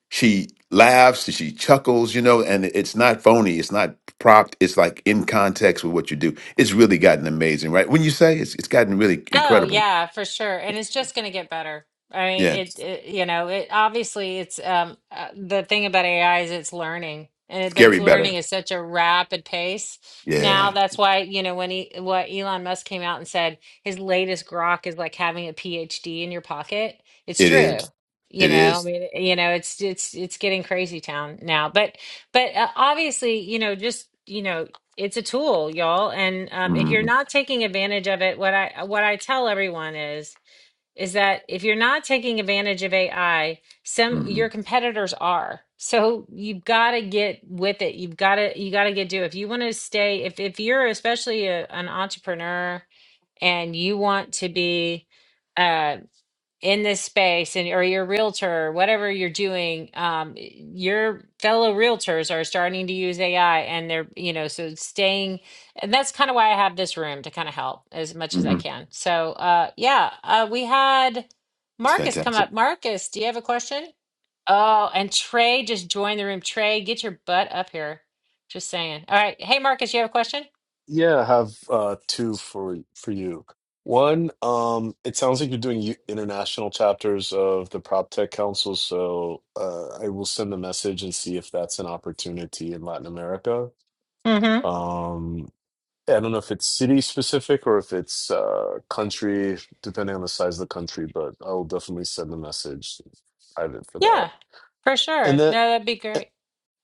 S3: She laughs. She chuckles. You know, and it's not phony. It's not propped. It's like in context with what you do. It's really gotten amazing, right? When you say it's it's gotten really
S1: Oh
S3: incredible.
S1: yeah, for sure. And it's just going to get better. I mean,
S3: Yeah,
S1: it, it you know, it obviously it's um uh, the thing about AI is it's learning. And it, but it's
S3: scary
S1: learning
S3: better.
S1: at such a rapid pace. Now
S3: Yeah,
S1: that's why, you know, when he what Elon Musk came out and said his latest grok is like having a PhD in your pocket. It's
S3: it
S1: true.
S3: is.
S1: You
S3: It
S1: know, I
S3: is.
S1: mean, you know, it's it's it's getting crazy town now. But but uh, obviously, you know, just you know it's a tool, y'all. And um, if you're
S3: Mm-hmm.
S1: not taking advantage of it, what I what I tell everyone is is that if you're not taking advantage of AI, some
S3: Mm-hmm.
S1: your competitors are. So you've got to get with it. You've got to you got to get do. If you want to stay, if if you're especially a, an entrepreneur and you want to be. uh, in this space and or your realtor whatever you're doing um your fellow realtors are starting to use ai and they're you know so staying and that's kind of why i have this room to kind of help as much as i
S3: Mm-hmm.
S1: can so uh yeah uh we had
S3: It's
S1: marcus come
S3: fantastic.
S1: up marcus do you have a question oh and trey just joined the room trey get your butt up here just saying all right hey marcus you have a question
S7: Yeah, I have uh, two for for you. One, um, it sounds like you're doing u- international chapters of the PropTech Council, so uh, I will send a message and see if that's an opportunity in Latin America.
S1: mm-hmm
S7: Um, I don't know if it's city specific or if it's uh, country, depending on the size of the country, but I'll definitely send a message private for that.
S1: yeah for
S7: And
S1: sure
S7: then eh,
S1: no that'd be great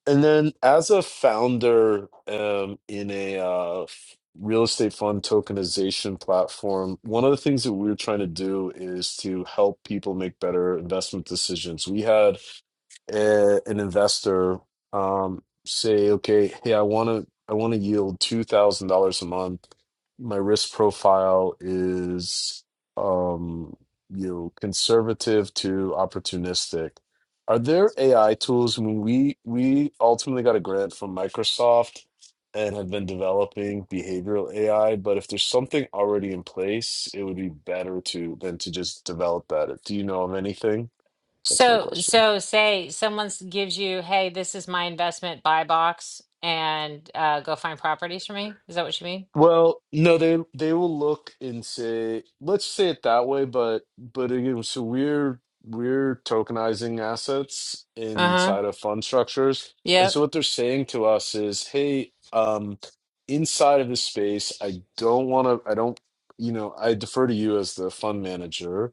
S7: and then, as a founder um, in a uh, f- real estate fund tokenization platform, one of the things that we're trying to do is to help people make better investment decisions. We had uh, an investor um, say, okay, hey, I want to I want to yield two thousand dollars a month. My risk profile is um, you know conservative to opportunistic. Are there AI tools? I mean, we we ultimately got a grant from Microsoft and have been developing behavioral AI. But if there's something already in place, it would be better to than to just develop that. Do you know of anything? That's my
S1: So,
S7: question.
S1: so say someone s- gives you, hey, this is my investment buy box and uh, go find properties for me. Is that what you mean?
S7: Well, no, they they will look and say, let's say it that way, but but again, so we're we're tokenizing assets
S1: Uh-huh.
S7: inside of fund structures. And so
S1: Yep.
S7: what they're saying to us is, hey, um, inside of this space, I don't want to, I don't, you know, I defer to you as the fund manager.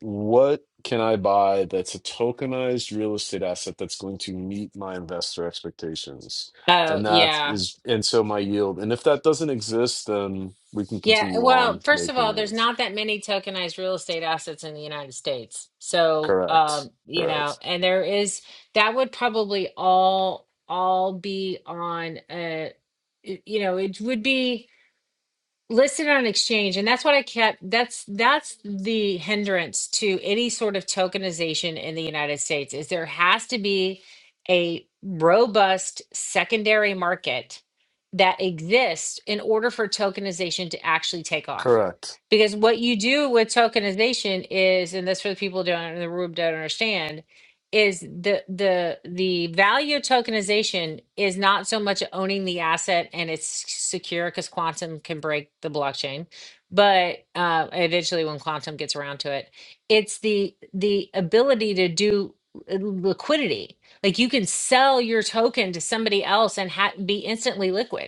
S7: What can I buy that's a tokenized real estate asset that's going to meet my investor expectations?
S1: Oh,
S7: and that
S1: yeah.
S7: is and so my yield and if that doesn't exist then we can
S1: Yeah.
S7: continue on
S1: Well, first of
S7: making
S1: all, there's
S7: it
S1: not that many tokenized real estate assets in the United States. So,
S7: correct
S1: um, you know,
S7: correct
S1: and there is that would probably all all be on uh y- you know, it would be listed on an exchange and that's what i kept that's that's the hindrance to any sort of tokenization in the united states is there has to be a robust secondary market that exists in order for tokenization to actually take off
S7: correct
S1: because what you do with tokenization is and that's for the people who don't in the room don't understand is the the the value of tokenization is not so much owning the asset and it's s- secure because quantum can break the blockchain but uh, eventually when quantum gets around to it it's the the ability to do uh, liquidity like you can sell your token to somebody else and ha- be instantly liquid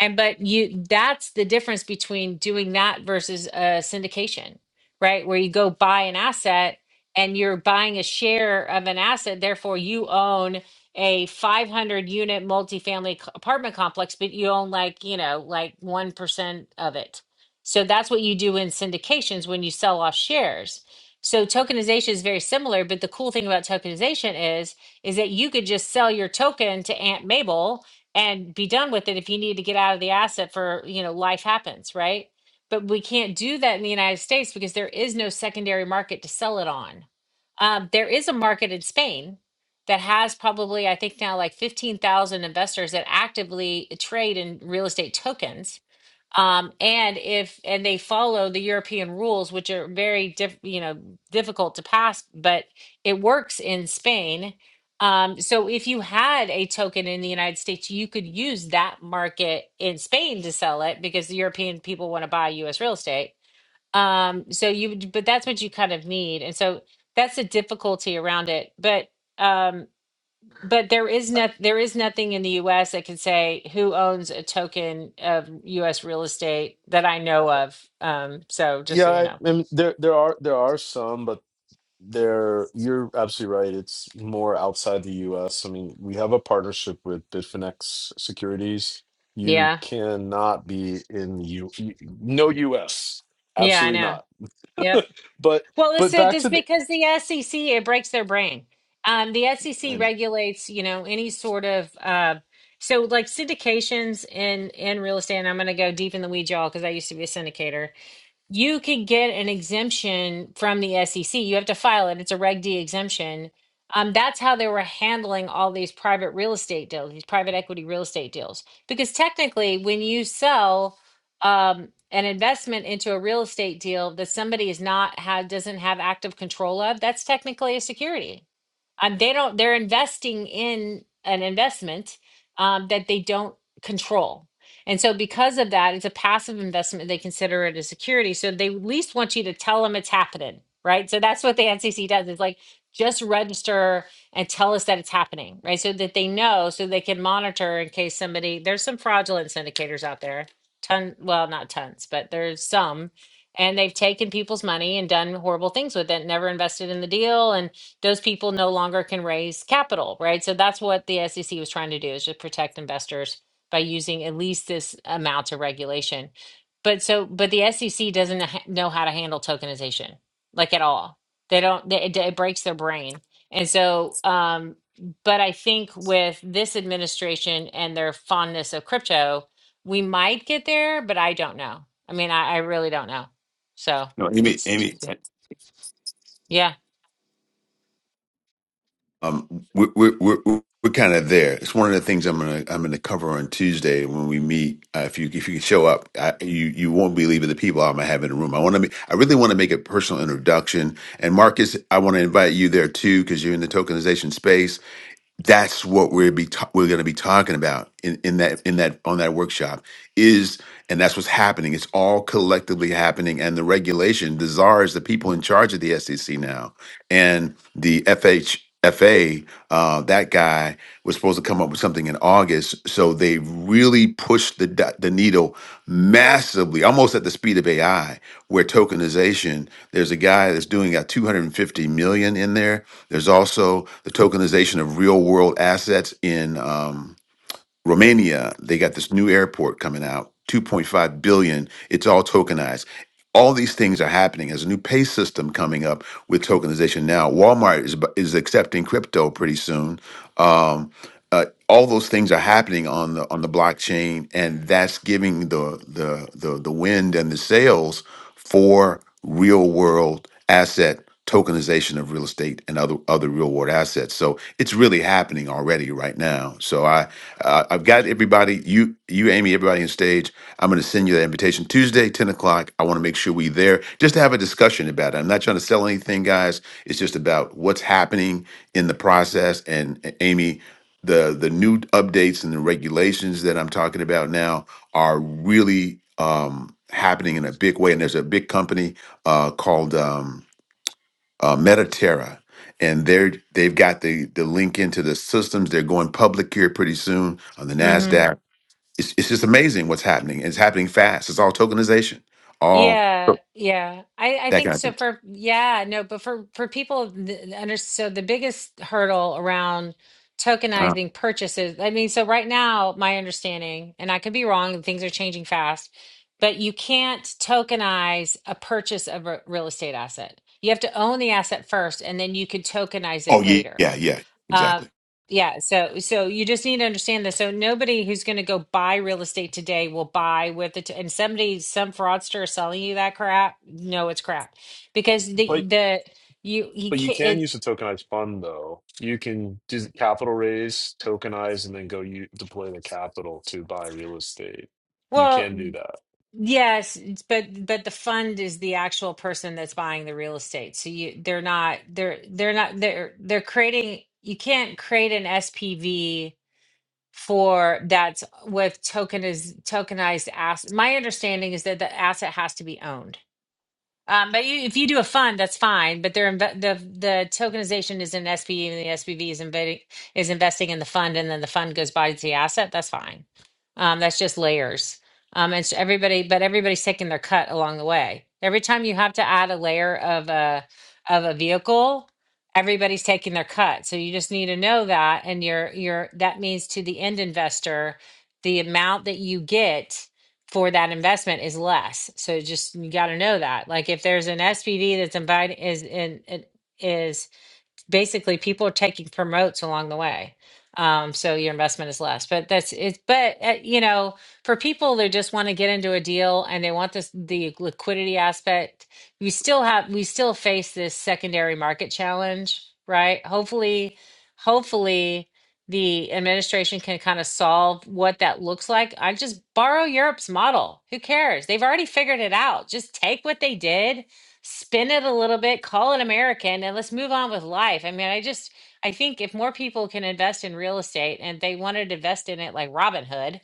S1: and but you that's the difference between doing that versus a syndication, right? Where you go buy an asset and you're buying a share of an asset, therefore you own a 500 unit multifamily c- apartment complex, but you own like, you know, like 1% of it. So that's what you do in syndications when you sell off shares. So tokenization is very similar, but the cool thing about tokenization is is that you could just sell your token to Aunt Mabel and be done with it if you need to get out of the asset for, you know, life happens, right? But we can't do that in the United States because there is no secondary market to sell it on. Um, there is a market in Spain that has probably, I think now like 15,000 investors that actively trade in real estate tokens um, and if and they follow the European rules, which are very diff, you know, difficult to pass, but it works in Spain. Um, so if you had a token in the United States, you could use that market in Spain to sell it because the European people want to buy US real estate. Um, so you, would- but that's what you kind of need. And so that's the difficulty around it. But, um, but there is not there is nothing in the US that can say who owns a token of US real estate that I know of. Um, so just so
S7: yeah
S1: you
S7: I,
S1: know.
S7: and there there are there are some but there you're absolutely right it's more outside the US I mean we have a partnership with Bitfinex Securities you
S1: Yeah.
S7: cannot be in the U you- no US
S1: Yeah, I
S7: absolutely
S1: know.
S7: not
S1: Yep.
S7: but
S1: Well, it's
S7: but
S1: it
S7: back
S1: is
S7: to the
S1: because the SEC it breaks their brain. Um, the
S7: I
S1: SEC
S7: know
S1: regulates, you know, any sort of uh so like syndications in in real estate and I'm going to go deep in the weeds y'all cuz I used to be a syndicator you can get an exemption from the SEC. You have to file it. It's a Reg D exemption. Um, that's how they were handling all these private real estate deals, these private equity real estate deals. Because technically, when you sell um, an investment into a real estate deal that somebody is not had doesn't have active control of, that's technically a security um, they don't they're investing in an investment um, that they don't control and so because of that it's a passive investment they consider it a security so they at least want you to tell them it's happening right so that's what the ncc does is like just register and tell us that it's happening right so that they know so they can monitor in case somebody there's some fraudulent syndicators out there ton well not tons but there's some and they've taken people's money and done horrible things with it never invested in the deal and those people no longer can raise capital, right? So that's what the SEC was trying to do is just protect investors by using at least this amount of regulation. But so, but the SEC doesn't ha- know how to handle tokenization, like at all. They don't. They, it, it breaks their brain, and so. Um, but I think with this administration and their fondness of crypto, we might get there. But I don't know. I mean, I, I really don't know. So
S3: No, Amy.
S1: it's
S3: Amy.
S1: interesting. Yeah.
S3: um, we're we're we're, we're kind of there. It's one of the things I'm gonna I'm gonna cover on Tuesday when we meet. Uh, if you if you can show up, I, you you won't believe the people I'm gonna have in the room. I want to I really want to make a personal introduction. And Marcus, I want to invite you there too because you're in the tokenization space that's what we're be ta- we're going to be talking about in, in that in that on that workshop is and that's what's happening it's all collectively happening and the regulation the czar is the people in charge of the sec now and the FHFA. uh, that guy was supposed to come up with something in August. So they really pushed the, d- the needle massively, almost at the speed of AI where tokenization there's a guy that's doing got 250 million in there there's also the tokenization of real world assets in um, romania they got this new airport coming out 2.5 billion it's all tokenized all these things are happening there's a new pay system coming up with tokenization now walmart is, bu- is accepting crypto pretty soon Um, uh, all those things are happening on the on the blockchain, and that's giving the the the the wind and the sails for real world asset tokenization of real estate and other other real world assets. So it's really happening already right now. So I uh, I've got everybody you you Amy everybody on stage. I'm going to send you that invitation Tuesday ten o'clock. I want to make sure we there just to have a discussion about it. I'm not trying to sell anything, guys. It's just about what's happening in the process. And uh, Amy the the new updates and the regulations that I'm talking about now are really um, happening in a big way. And there's a big company uh, called um, uh, Metaterra, and they're they've got the the link into the systems. They're going public here pretty soon on the
S1: hmm
S3: Nasdaq. It's it's just amazing what's happening. It's happening fast. It's all tokenization, all
S1: Yeah, yeah. I I
S3: that
S1: think
S3: kind of
S1: so
S3: thing.
S1: for yeah, no, but for for people th- under so the biggest hurdle around
S3: Uh,
S1: tokenizing purchases. I mean, so right now my understanding, and I could be wrong, and things are changing fast, but you can't tokenize a purchase of a real estate asset. You have to own the asset first and then you could tokenize
S3: oh
S1: it
S3: yeah,
S1: later.
S3: yeah, yeah,
S1: Um,
S3: exactly.
S1: yeah, so so you just need to understand this. So nobody who's going to go buy real estate today will buy with it, and somebody, some fraudster is selling you that crap. No, it's crap because the the you he
S7: But you
S1: can't.
S7: can
S1: It,
S7: use a tokenized fund, though. You can do capital raise, tokenize, and then go you deploy the capital to buy real estate. You
S1: well,
S7: can do that.
S1: yes, it's- but but the fund is the actual person that's buying the real estate. So you they're not they're they're not they're they're creating. You can't create an SPV for that's with token is tokenized asset. My understanding is that the asset has to be owned. Um, but you, if you do a fund, that's fine. But they're inve- the the tokenization is in SPV, and the SPV is investing is investing in the fund, and then the fund goes by to the asset. That's fine. Um, that's just layers. Um, it's everybody, but everybody's taking their cut along the way. Every time you have to add a layer of a of a vehicle, everybody's taking their cut. So you just need to know that, and you're you're that means to the end investor, the amount that you get for that investment is less. So just you got to know that. Like if there's an SPV that's invited is in it is basically people are taking promotes along the way. Um, so your investment is less, but that's it. But uh, you know, for people that just want to get into a deal and they want this the liquidity aspect, we still have we still face this secondary market challenge, right? Hopefully, hopefully the administration can kind of solve what that looks like. I just borrow Europe's model. Who cares? They've already figured it out. Just take what they did spin it a little bit, call it American, and let's move on with life. I mean, I just I think if more people can invest in real estate and they wanted to invest in it like Robinhood,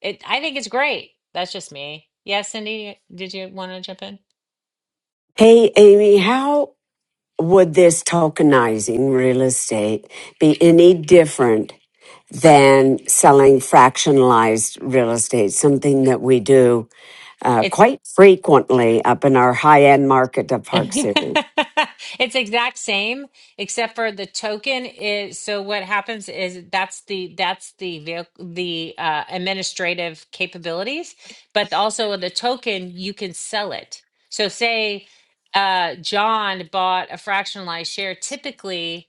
S1: it I think it's great. That's just me. Yeah, Cindy, did you want to jump in?
S2: Hey, Amy, how would this tokenizing real estate be any different than selling fractionalized real estate, something that we do uh,
S1: It.
S2: quite frequently up in our high end market of Park City.
S1: It's exact same except for the token is so what happens is that's the that's the vehicle the uh, administrative capabilities, but also with the token you can sell it. So say uh, John bought a fractionalized share typically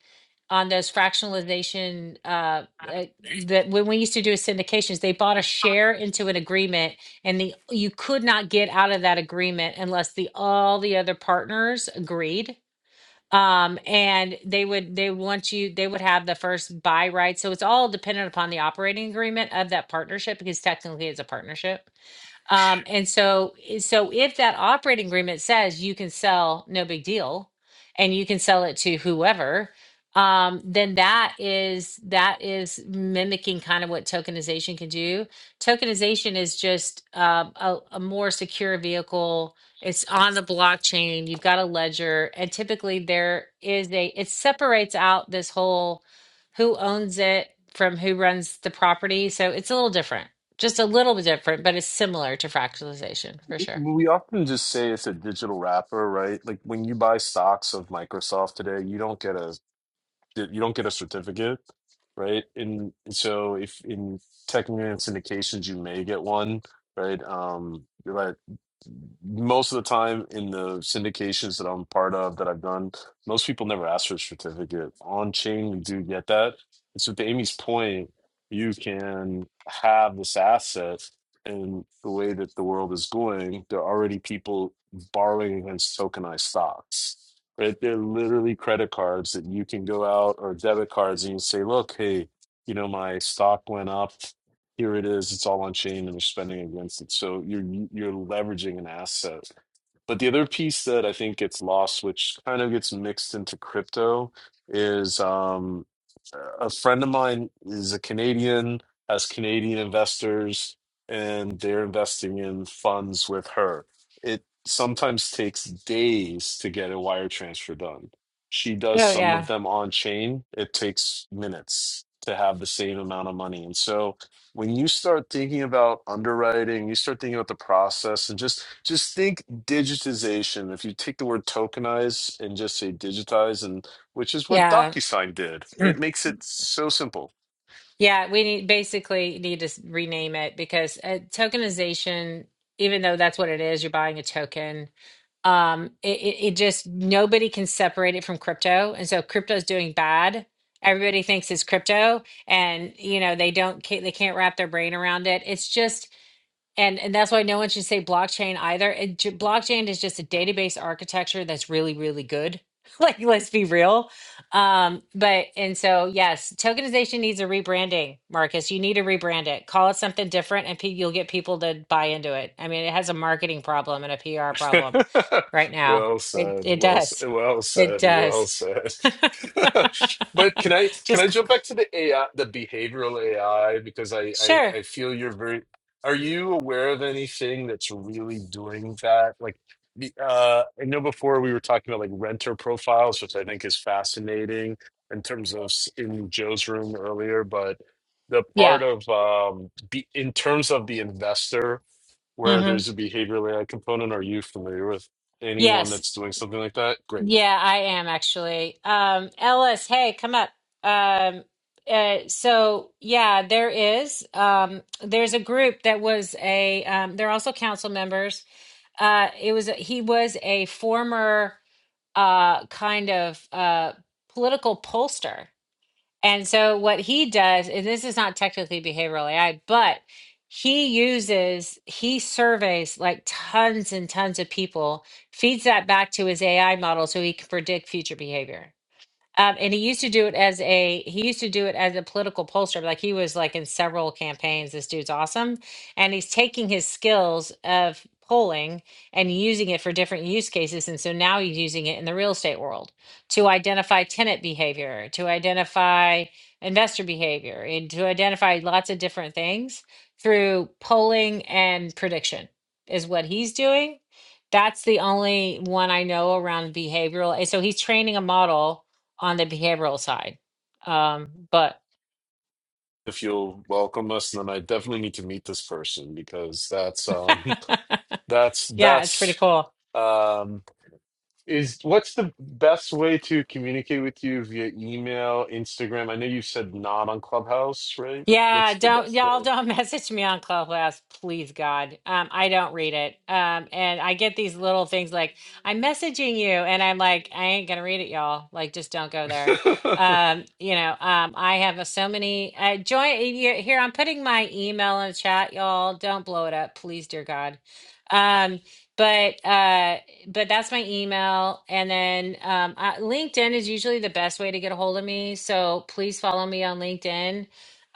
S1: on those fractionalization uh, uh, that when we used to do syndications, they bought a share into an agreement and the you could not get out of that agreement unless the all the other partners agreed um and they would they want you they would have the first buy right so it's all dependent upon the operating agreement of that partnership because technically it's a partnership um, and so, eh, so if that operating agreement says you can sell, no big deal, and you can sell it to whoever, um, then that is that is mimicking kind of what tokenization can do. Tokenization is just um, a, a more secure vehicle. It's on the blockchain. You've got a ledger, and typically there is a it separates out this whole who owns it from who runs the property. So it's a little different just a little bit different, but it's similar to fractalization for sure.
S7: We often just say it's a digital wrapper, right? Like when you buy stocks of Microsoft today, you don't get a you don't get a certificate, right? And so if in technically in syndications, you may get one, right? Um, but most of the time in the syndications that I'm part of that I've done, most people never ask for a certificate. On chain, we do get that. And so, to Amy's point, you can have this asset, and the way that the world is going, there are already people borrowing against tokenized stocks. Right? They're literally credit cards that you can go out or debit cards and you say, look, hey, you know, my stock went up here it is it's all on chain and they're spending against it so you're you're leveraging an asset but the other piece that i think gets lost which kind of gets mixed into crypto is um a friend of mine is a canadian has canadian investors and they're investing in funds with her it sometimes takes days to get a wire transfer done she does
S1: Oh
S7: some of
S1: yeah.
S7: them on chain it takes minutes to have the same amount of money and so when you start thinking about underwriting you start thinking about the process and just just think digitization if you take the word tokenize and just say digitize and which is what
S1: Yeah.
S7: docusign did
S1: Mm.
S7: it makes it so simple
S1: Yeah, we need basically need to s- rename it because uh, tokenization even though that's what it is, you're buying a token. Um it, it, it just nobody can separate it from crypto. And so crypto's doing bad. Everybody thinks it's crypto and you know they don't ca- they can't wrap their brain around it. It's just And and that's why no one should say blockchain either. It, ju- blockchain is just a database architecture that's really really good. like let's be real. Um but and so yes, tokenization needs a rebranding, Marcus. You need to rebrand it. Call it something different and pe- you'll get people to buy into it. I mean, it has a marketing problem and a PR problem right now.
S7: Well
S1: It
S7: said.
S1: it
S7: Well, s-
S1: does.
S7: well
S1: It
S7: said. Well
S1: does.
S7: said. But can I can I
S1: just
S7: jump
S1: c-
S7: back to the AI, the behavioral AI, because I I,
S1: sure.
S7: I feel you're very. Are you aware of anything that's really doing that? Like, the- uh, I know before we were talking about like renter profiles, which I think is fascinating in terms of s- in Joe's room earlier, but the
S1: Yeah.
S7: part of um, be, in terms of the investor where
S1: Mhm.
S7: there's a behavioral AI component. Are you familiar with anyone
S1: Yes,
S7: that's doing something like that? Great.
S1: Yeah, I am actually. Um, Ellis, hey, come up. Um, uh, so yeah, there is. Um, there's a group that was a. Um, they're also council members. Uh, it was he was a former uh, kind of uh, political pollster and so what he does, and this is not technically behavioral AI, but he uses, he surveys like tons and tons of people, feeds that back to his AI model so he can predict future behavior. Um, and he used to do it as a he used to do it as a political pollster. Like he was like in several campaigns. This dude's awesome, and he's taking his skills of polling and using it for different use cases. And so now he's using it in the real estate world to identify tenant behavior, to identify investor behavior, and to identify lots of different things through polling and prediction is what he's doing. That's the only one I know around behavioral. And so he's training a model on the behavioral side. Um, but
S7: If you'll welcome us, then I definitely need to meet this person because that's um that's
S1: yeah, it's pretty
S7: that's
S1: cool.
S7: um is what's the best way to communicate with you via email, Instagram? I know you said not on Clubhouse, right?
S1: Yeah,
S7: What's the
S1: don't
S7: best
S1: y'all don't message me on Clubhouse, please God. Um, I don't read it. Um, and I get these little things like I'm messaging you, and I'm like, I ain't gonna read it, y'all. Like, just don't go there.
S7: way?
S1: Um, you know, um, I have a, so many. Uh, join y- here. I'm putting my email in the chat, y'all. Don't blow it up, please, dear God. Um, but uh, but that's my email, and then um, uh, LinkedIn is usually the best way to get a hold of me. So please follow me on LinkedIn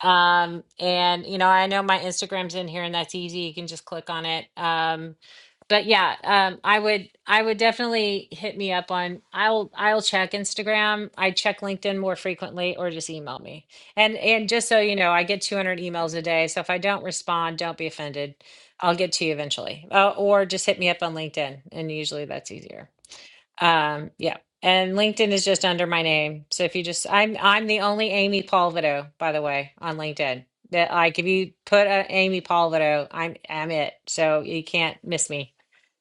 S1: um, and you know, I know my Instagram's in here and that's easy. You can just click on it. Um, but yeah, um, I would I would definitely hit me up on I'll I'll check Instagram. I check LinkedIn more frequently or just email me. And and just so you know, I get 200 emails a day. So if I don't respond, don't be offended. I'll get to you eventually. Uh, or just hit me up on LinkedIn and usually that's easier. Um, yeah. And LinkedIn is just under my name. So if you just I'm I'm the only Amy Palvido, by the way, on LinkedIn. That like if you put a Amy Palvido, I'm I'm it. So you can't miss me.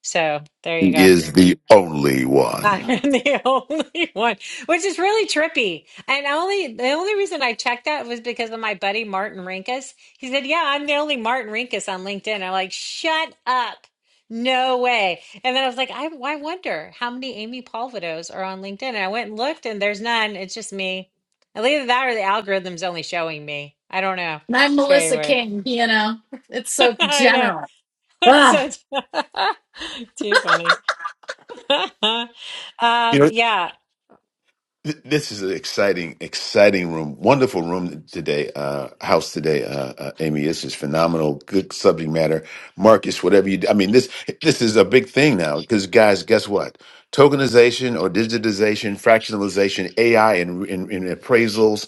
S1: So there you
S3: He
S1: go.
S3: is the only
S1: I
S3: one.
S1: am the only one, which is really trippy. And only the only reason I checked that was because of my buddy Martin Rinkus. He said, "Yeah, I'm the only Martin Rinkus on LinkedIn." I'm like, "Shut up, no way!" And then I was like, "I, I wonder how many Amy Palvidos are on LinkedIn." And I went and looked, and there's none. It's just me. And Either that or the algorithm's only showing me. I don't know.
S6: And I'm
S1: It's very
S6: Melissa
S1: weird.
S6: King. You know, it's so
S1: I know.
S6: general.
S1: It's
S6: Ugh.
S1: so- too funny. um, yeah.
S3: Th- This is an exciting, exciting room. Wonderful room today, uh, house today, uh, uh, Amy. This is phenomenal. Good subject matter, Marcus. Whatever you, do. I mean, this this is a big thing now because guys, guess what? Tokenization or digitization, fractionalization, AI, and, and, and appraisals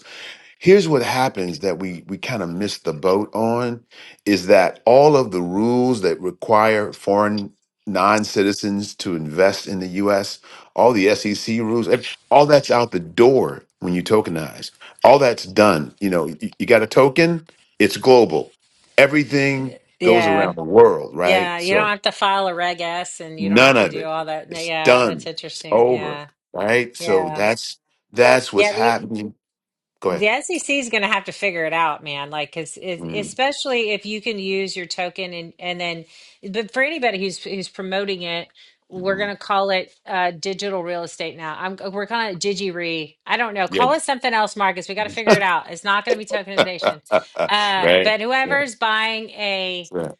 S3: here's what happens that we we kind of miss the boat on is that all of the rules that require foreign non-citizens to invest in the US all the SEC rules ev- all that's out the door when you tokenize all that's done you know you, you got a token it's global everything goes
S1: Yeah.
S3: around the world right
S1: Yeah, you don't
S3: so
S1: have to file a Reg S and you don't
S3: none
S1: have to
S3: of
S1: do
S3: it
S1: all that. No,
S3: it's
S1: Yeah, that's
S3: done it's
S1: interesting.
S3: over
S1: Yeah.
S3: right so
S1: Yeah.
S3: that's that's what's
S1: Yeah, the
S3: happening go ahead
S1: the SEC is going to have to figure it out, man. Like, 'cause it,
S3: Mhm,
S1: especially if you can use your token and and then but for anybody who's who's promoting it, we're going
S3: mhm.
S1: to call it uh digital real estate now. I'm we're calling it DigiRe. I don't know.
S3: Yeah,
S1: Call it something else, Marcus. We got to figure it out. It's not going to be
S3: right?
S1: tokenization. Uh,
S3: Yeah,
S1: but whoever's buying a
S3: yeah.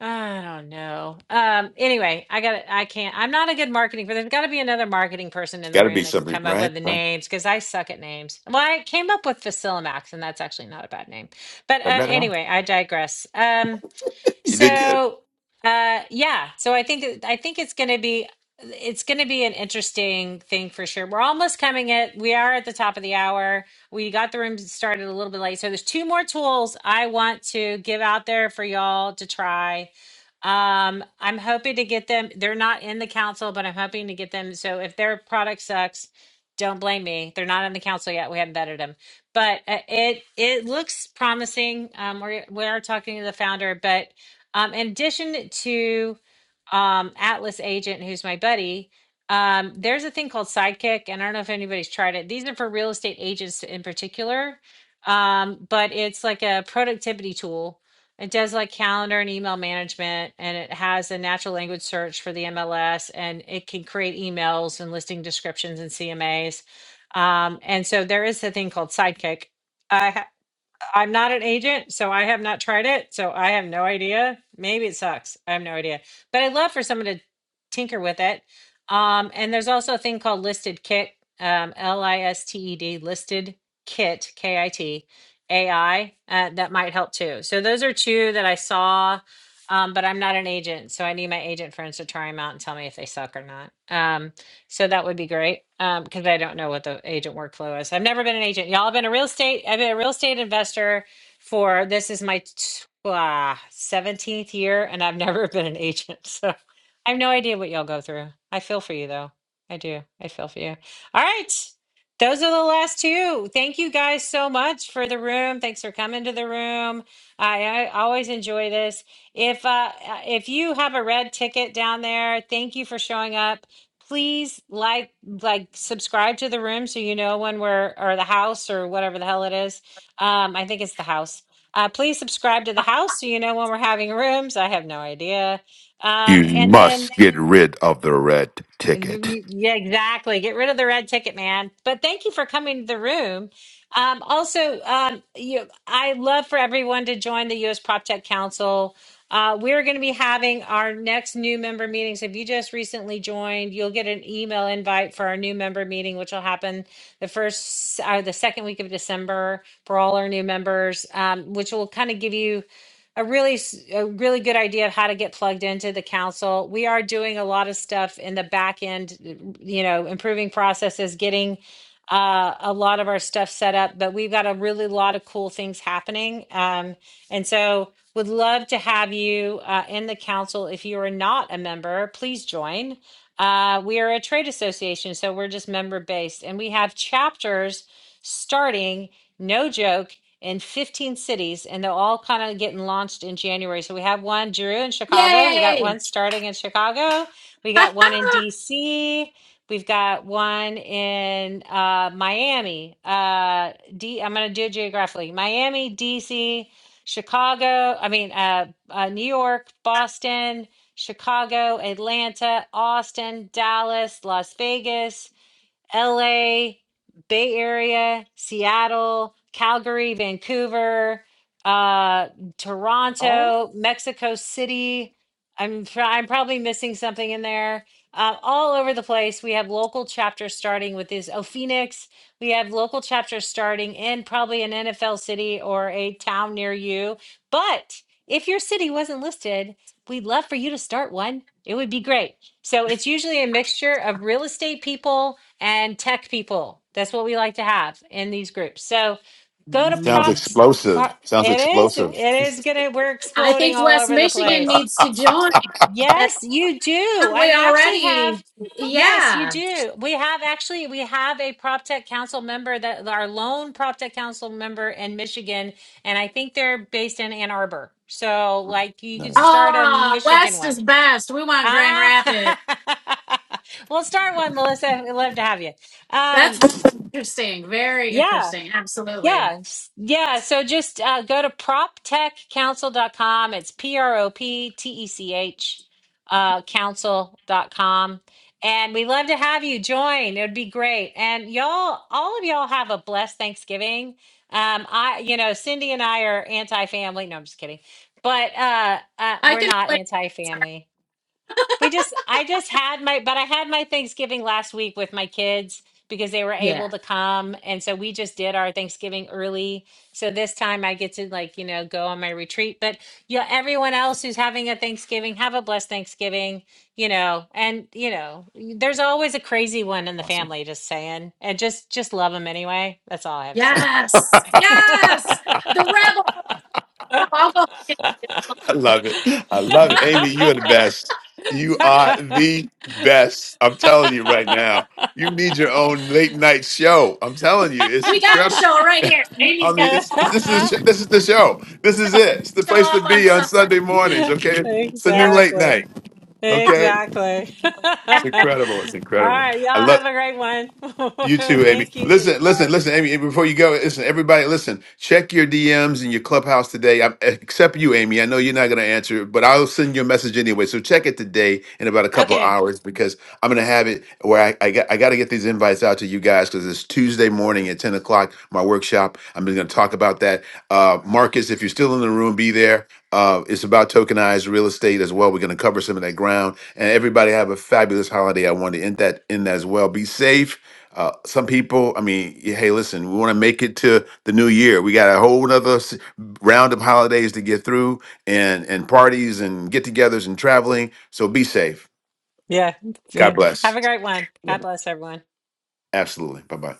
S1: I don't know. Um, anyway, I got I can't. I'm not a good marketing for there's got to be another marketing person
S3: It's
S1: in the
S3: got to
S1: room
S3: be
S1: that can
S3: something,
S1: come up
S3: right?
S1: with the
S3: Right.
S1: names because I suck at names. Well, I came up with Facilimax and that's actually not a bad name. But
S3: I
S1: uh,
S3: bet it. is.
S1: anyway, I digress. Um,
S3: You did good.
S1: so, uh, yeah. So I think it- I think it's going to be it's going to be an interesting thing for sure. We're almost coming at we are at the top of the hour. We got the room started a little bit late, so there's two more tools I want to give out there for y'all to try. Um, I'm hoping to get them. They're not in the council, but I'm hoping to get them. So if their product sucks, don't blame me. They're not in the council yet. We haven't vetted them, but uh, it it looks promising. Um, we we are talking to the founder, but um, in addition to um, Atlas Agent, who's my buddy, um, there's a thing called Sidekick, and I don't know if anybody's tried it. These are for real estate agents in particular, um, but it's like a productivity tool. It does like calendar and email management, and it has a natural language search for the MLS, and it can create emails and listing descriptions and CMAs. Um, and so there is a thing called Sidekick. I have I'm not an agent, so I have not tried it. So I have no idea. Maybe it sucks. I have no idea. But I'd love for someone to tinker with it. Um, and there's also a thing called listed kit, um, L I S T E D, listed kit, K I T A I uh, that might help too. So those are two that I saw, um, but I'm not an agent. So I need my agent friends to try them out and tell me if they suck or not. Um, so that would be great um, because I don't know what the agent workflow is. I've never been an agent. Y'all have been a real estate. I've been a real estate investor for this is my t- ah, 17th year and I've never been an agent. So I have no idea what y'all go through. I feel for you though. I do. I feel for you. All right. Those are the last two. Thank you guys so much for the room. Thanks for coming to the room. I, I always enjoy this. If uh, uh, if you have a red ticket down there, thank you for showing up please like like subscribe to the room so you know when we're or the house or whatever the hell it is um i think it's the house uh please subscribe to the house so you know when we're having rooms i have no idea um
S3: You
S1: and then
S3: must get rid of the red ticket.
S1: yeah, exactly. Get rid of the red ticket, man. But thank you for coming to the room. Um, also, um, you, I love for everyone to join the U.S. Prop Tech Council. Uh, we're going to be having our next new member meetings. If you just recently joined, you'll get an email invite for our new member meeting, which will happen the first or the second week of December for all our new members, um, which will kind of give you a really a really good idea of how to get plugged into the council. We are doing a lot of stuff in the back end, uh, you know, improving processes, getting uh, a lot of our stuff set up, but we've got a really lot of cool things happening. Um, and so would love to have you uh, in the council. If you are not a member, please join. Uh, we are a trade association, so we're just member based and we have chapters starting, no joke, in 15 cities, and they're all kind of getting launched in January. So we have one, Drew, in Chicago. We got
S6: Yay!
S1: one starting in Chicago. We got one in DC. We've got one in uh, Miami. Uh, D. I'm going to do it geographically: Miami, DC, Chicago. I mean, uh, uh, New York, Boston, Chicago, Atlanta, Austin, Dallas, Las Vegas. LA, Bay Area, Seattle, Calgary, Vancouver, uh, Toronto, Mexico City. I'm try- I'm probably missing something in there. Uh, all over the place, we have local chapters starting with this. Oh, Phoenix, we have local chapters starting in probably an NFL city or a town near you. But if your city wasn't listed, we'd love for you to start one. It would be great. So it's usually a mixture of real estate people and tech people. That's what we like to have in these groups. So go to
S3: Sounds
S6: Mm.
S1: props.
S3: explosive.
S1: pro-
S3: Sounds
S1: It is, it
S3: explosive.
S1: is gonna, we're
S6: I
S1: exploding
S6: think
S1: all
S6: West
S1: over the
S6: Michigan
S1: place.
S6: needs to join. That's
S1: Yes, you do.
S6: probably
S1: And I actually have,
S6: already.
S1: yes, you
S6: Yeah.
S1: do. We have actually, we have a prop tech council member that our lone prop tech council member in Michigan. And I think they're based in Ann Arbor. So like you could
S3: Nice.
S1: start a
S6: Ah,
S1: Michigan
S6: West
S1: one.
S6: is best. We want Grand
S1: Ah,
S6: Rapids.
S1: we'll start one, Melissa. We'd love to have you. Um.
S6: That's interesting. Very
S1: Yeah.
S6: interesting. Absolutely.
S1: Yeah. s- Yeah. So just uh, go to prop tech council dot com. It's P R O P T E C H uh, council dot com, And we love to have you join. It would be great. And y'all, all of y'all have a blessed Thanksgiving. Um, I, you know, Cindy and I are anti family. No, I'm just kidding. But uh, uh,
S6: I
S1: we're
S6: can
S1: not
S6: like
S1: anti family. We just, I just had my, but I had my Thanksgiving last week with my kids because they were able
S6: yeah.
S1: to come. And so we just did our Thanksgiving early. So this time I get to like, you know, go on my retreat. But yeah, everyone else who's having a Thanksgiving, have a blessed Thanksgiving, you know, and you know, y- there's always a crazy one in the
S3: Awesome.
S1: family, just saying, and just, just love them anyway. That's all I have to
S6: Yes. Yes. The rebel. I'll go.
S3: I love it. I love it. Amy, you are the best. You are
S1: say.
S3: the best. I'm telling you right now. You need your own late night show. I'm telling you, it's
S6: We got a
S3: incredible.
S6: show right here.
S3: I
S6: Amy's got
S3: mean,
S6: to
S3: it's, it's- this is this is the show. This is it. It's the
S6: show
S3: place to
S6: up on
S3: be on
S6: something.
S3: Sunday mornings. Okay, it's the
S6: Yeah.
S3: new late
S1: Exactly.
S3: night. Okay,
S1: Exactly.
S3: it's incredible. It's
S1: All
S3: incredible.
S1: right.
S3: I
S1: Y'all
S3: love.
S1: have a great one.
S3: You too, Amy.
S1: Thank you. so-
S3: Listen,
S1: All
S3: listen,
S1: right.
S3: listen, Amy. Before you go, listen, everybody, listen. Check your DMs and your clubhouse today. I, except you, Amy. I know you're not going to answer, but I'll send you a message anyway. So check it today in about a couple of
S1: Okay.
S3: hours because I'm going to have it where I I got, I got to get these invites out to you guys because it's Tuesday morning at 10 o'clock. My workshop. I'm going to talk about that. Uh, Marcus, if you're still in the room, be there. Uh, it's about tokenized real estate as well. We're going to cover some of that ground, and everybody have a fabulous holiday. I want to end that in as well. Be safe uh, some people, I mean, y- hey, listen, we want to make it to the new year. We got a whole nother s- round of holidays to get through and, and parties and get togethers and traveling. So be safe.
S1: Yeah.
S3: God
S1: Have
S3: bless.
S1: a great one. God bless everyone.
S3: Absolutely. Bye bye.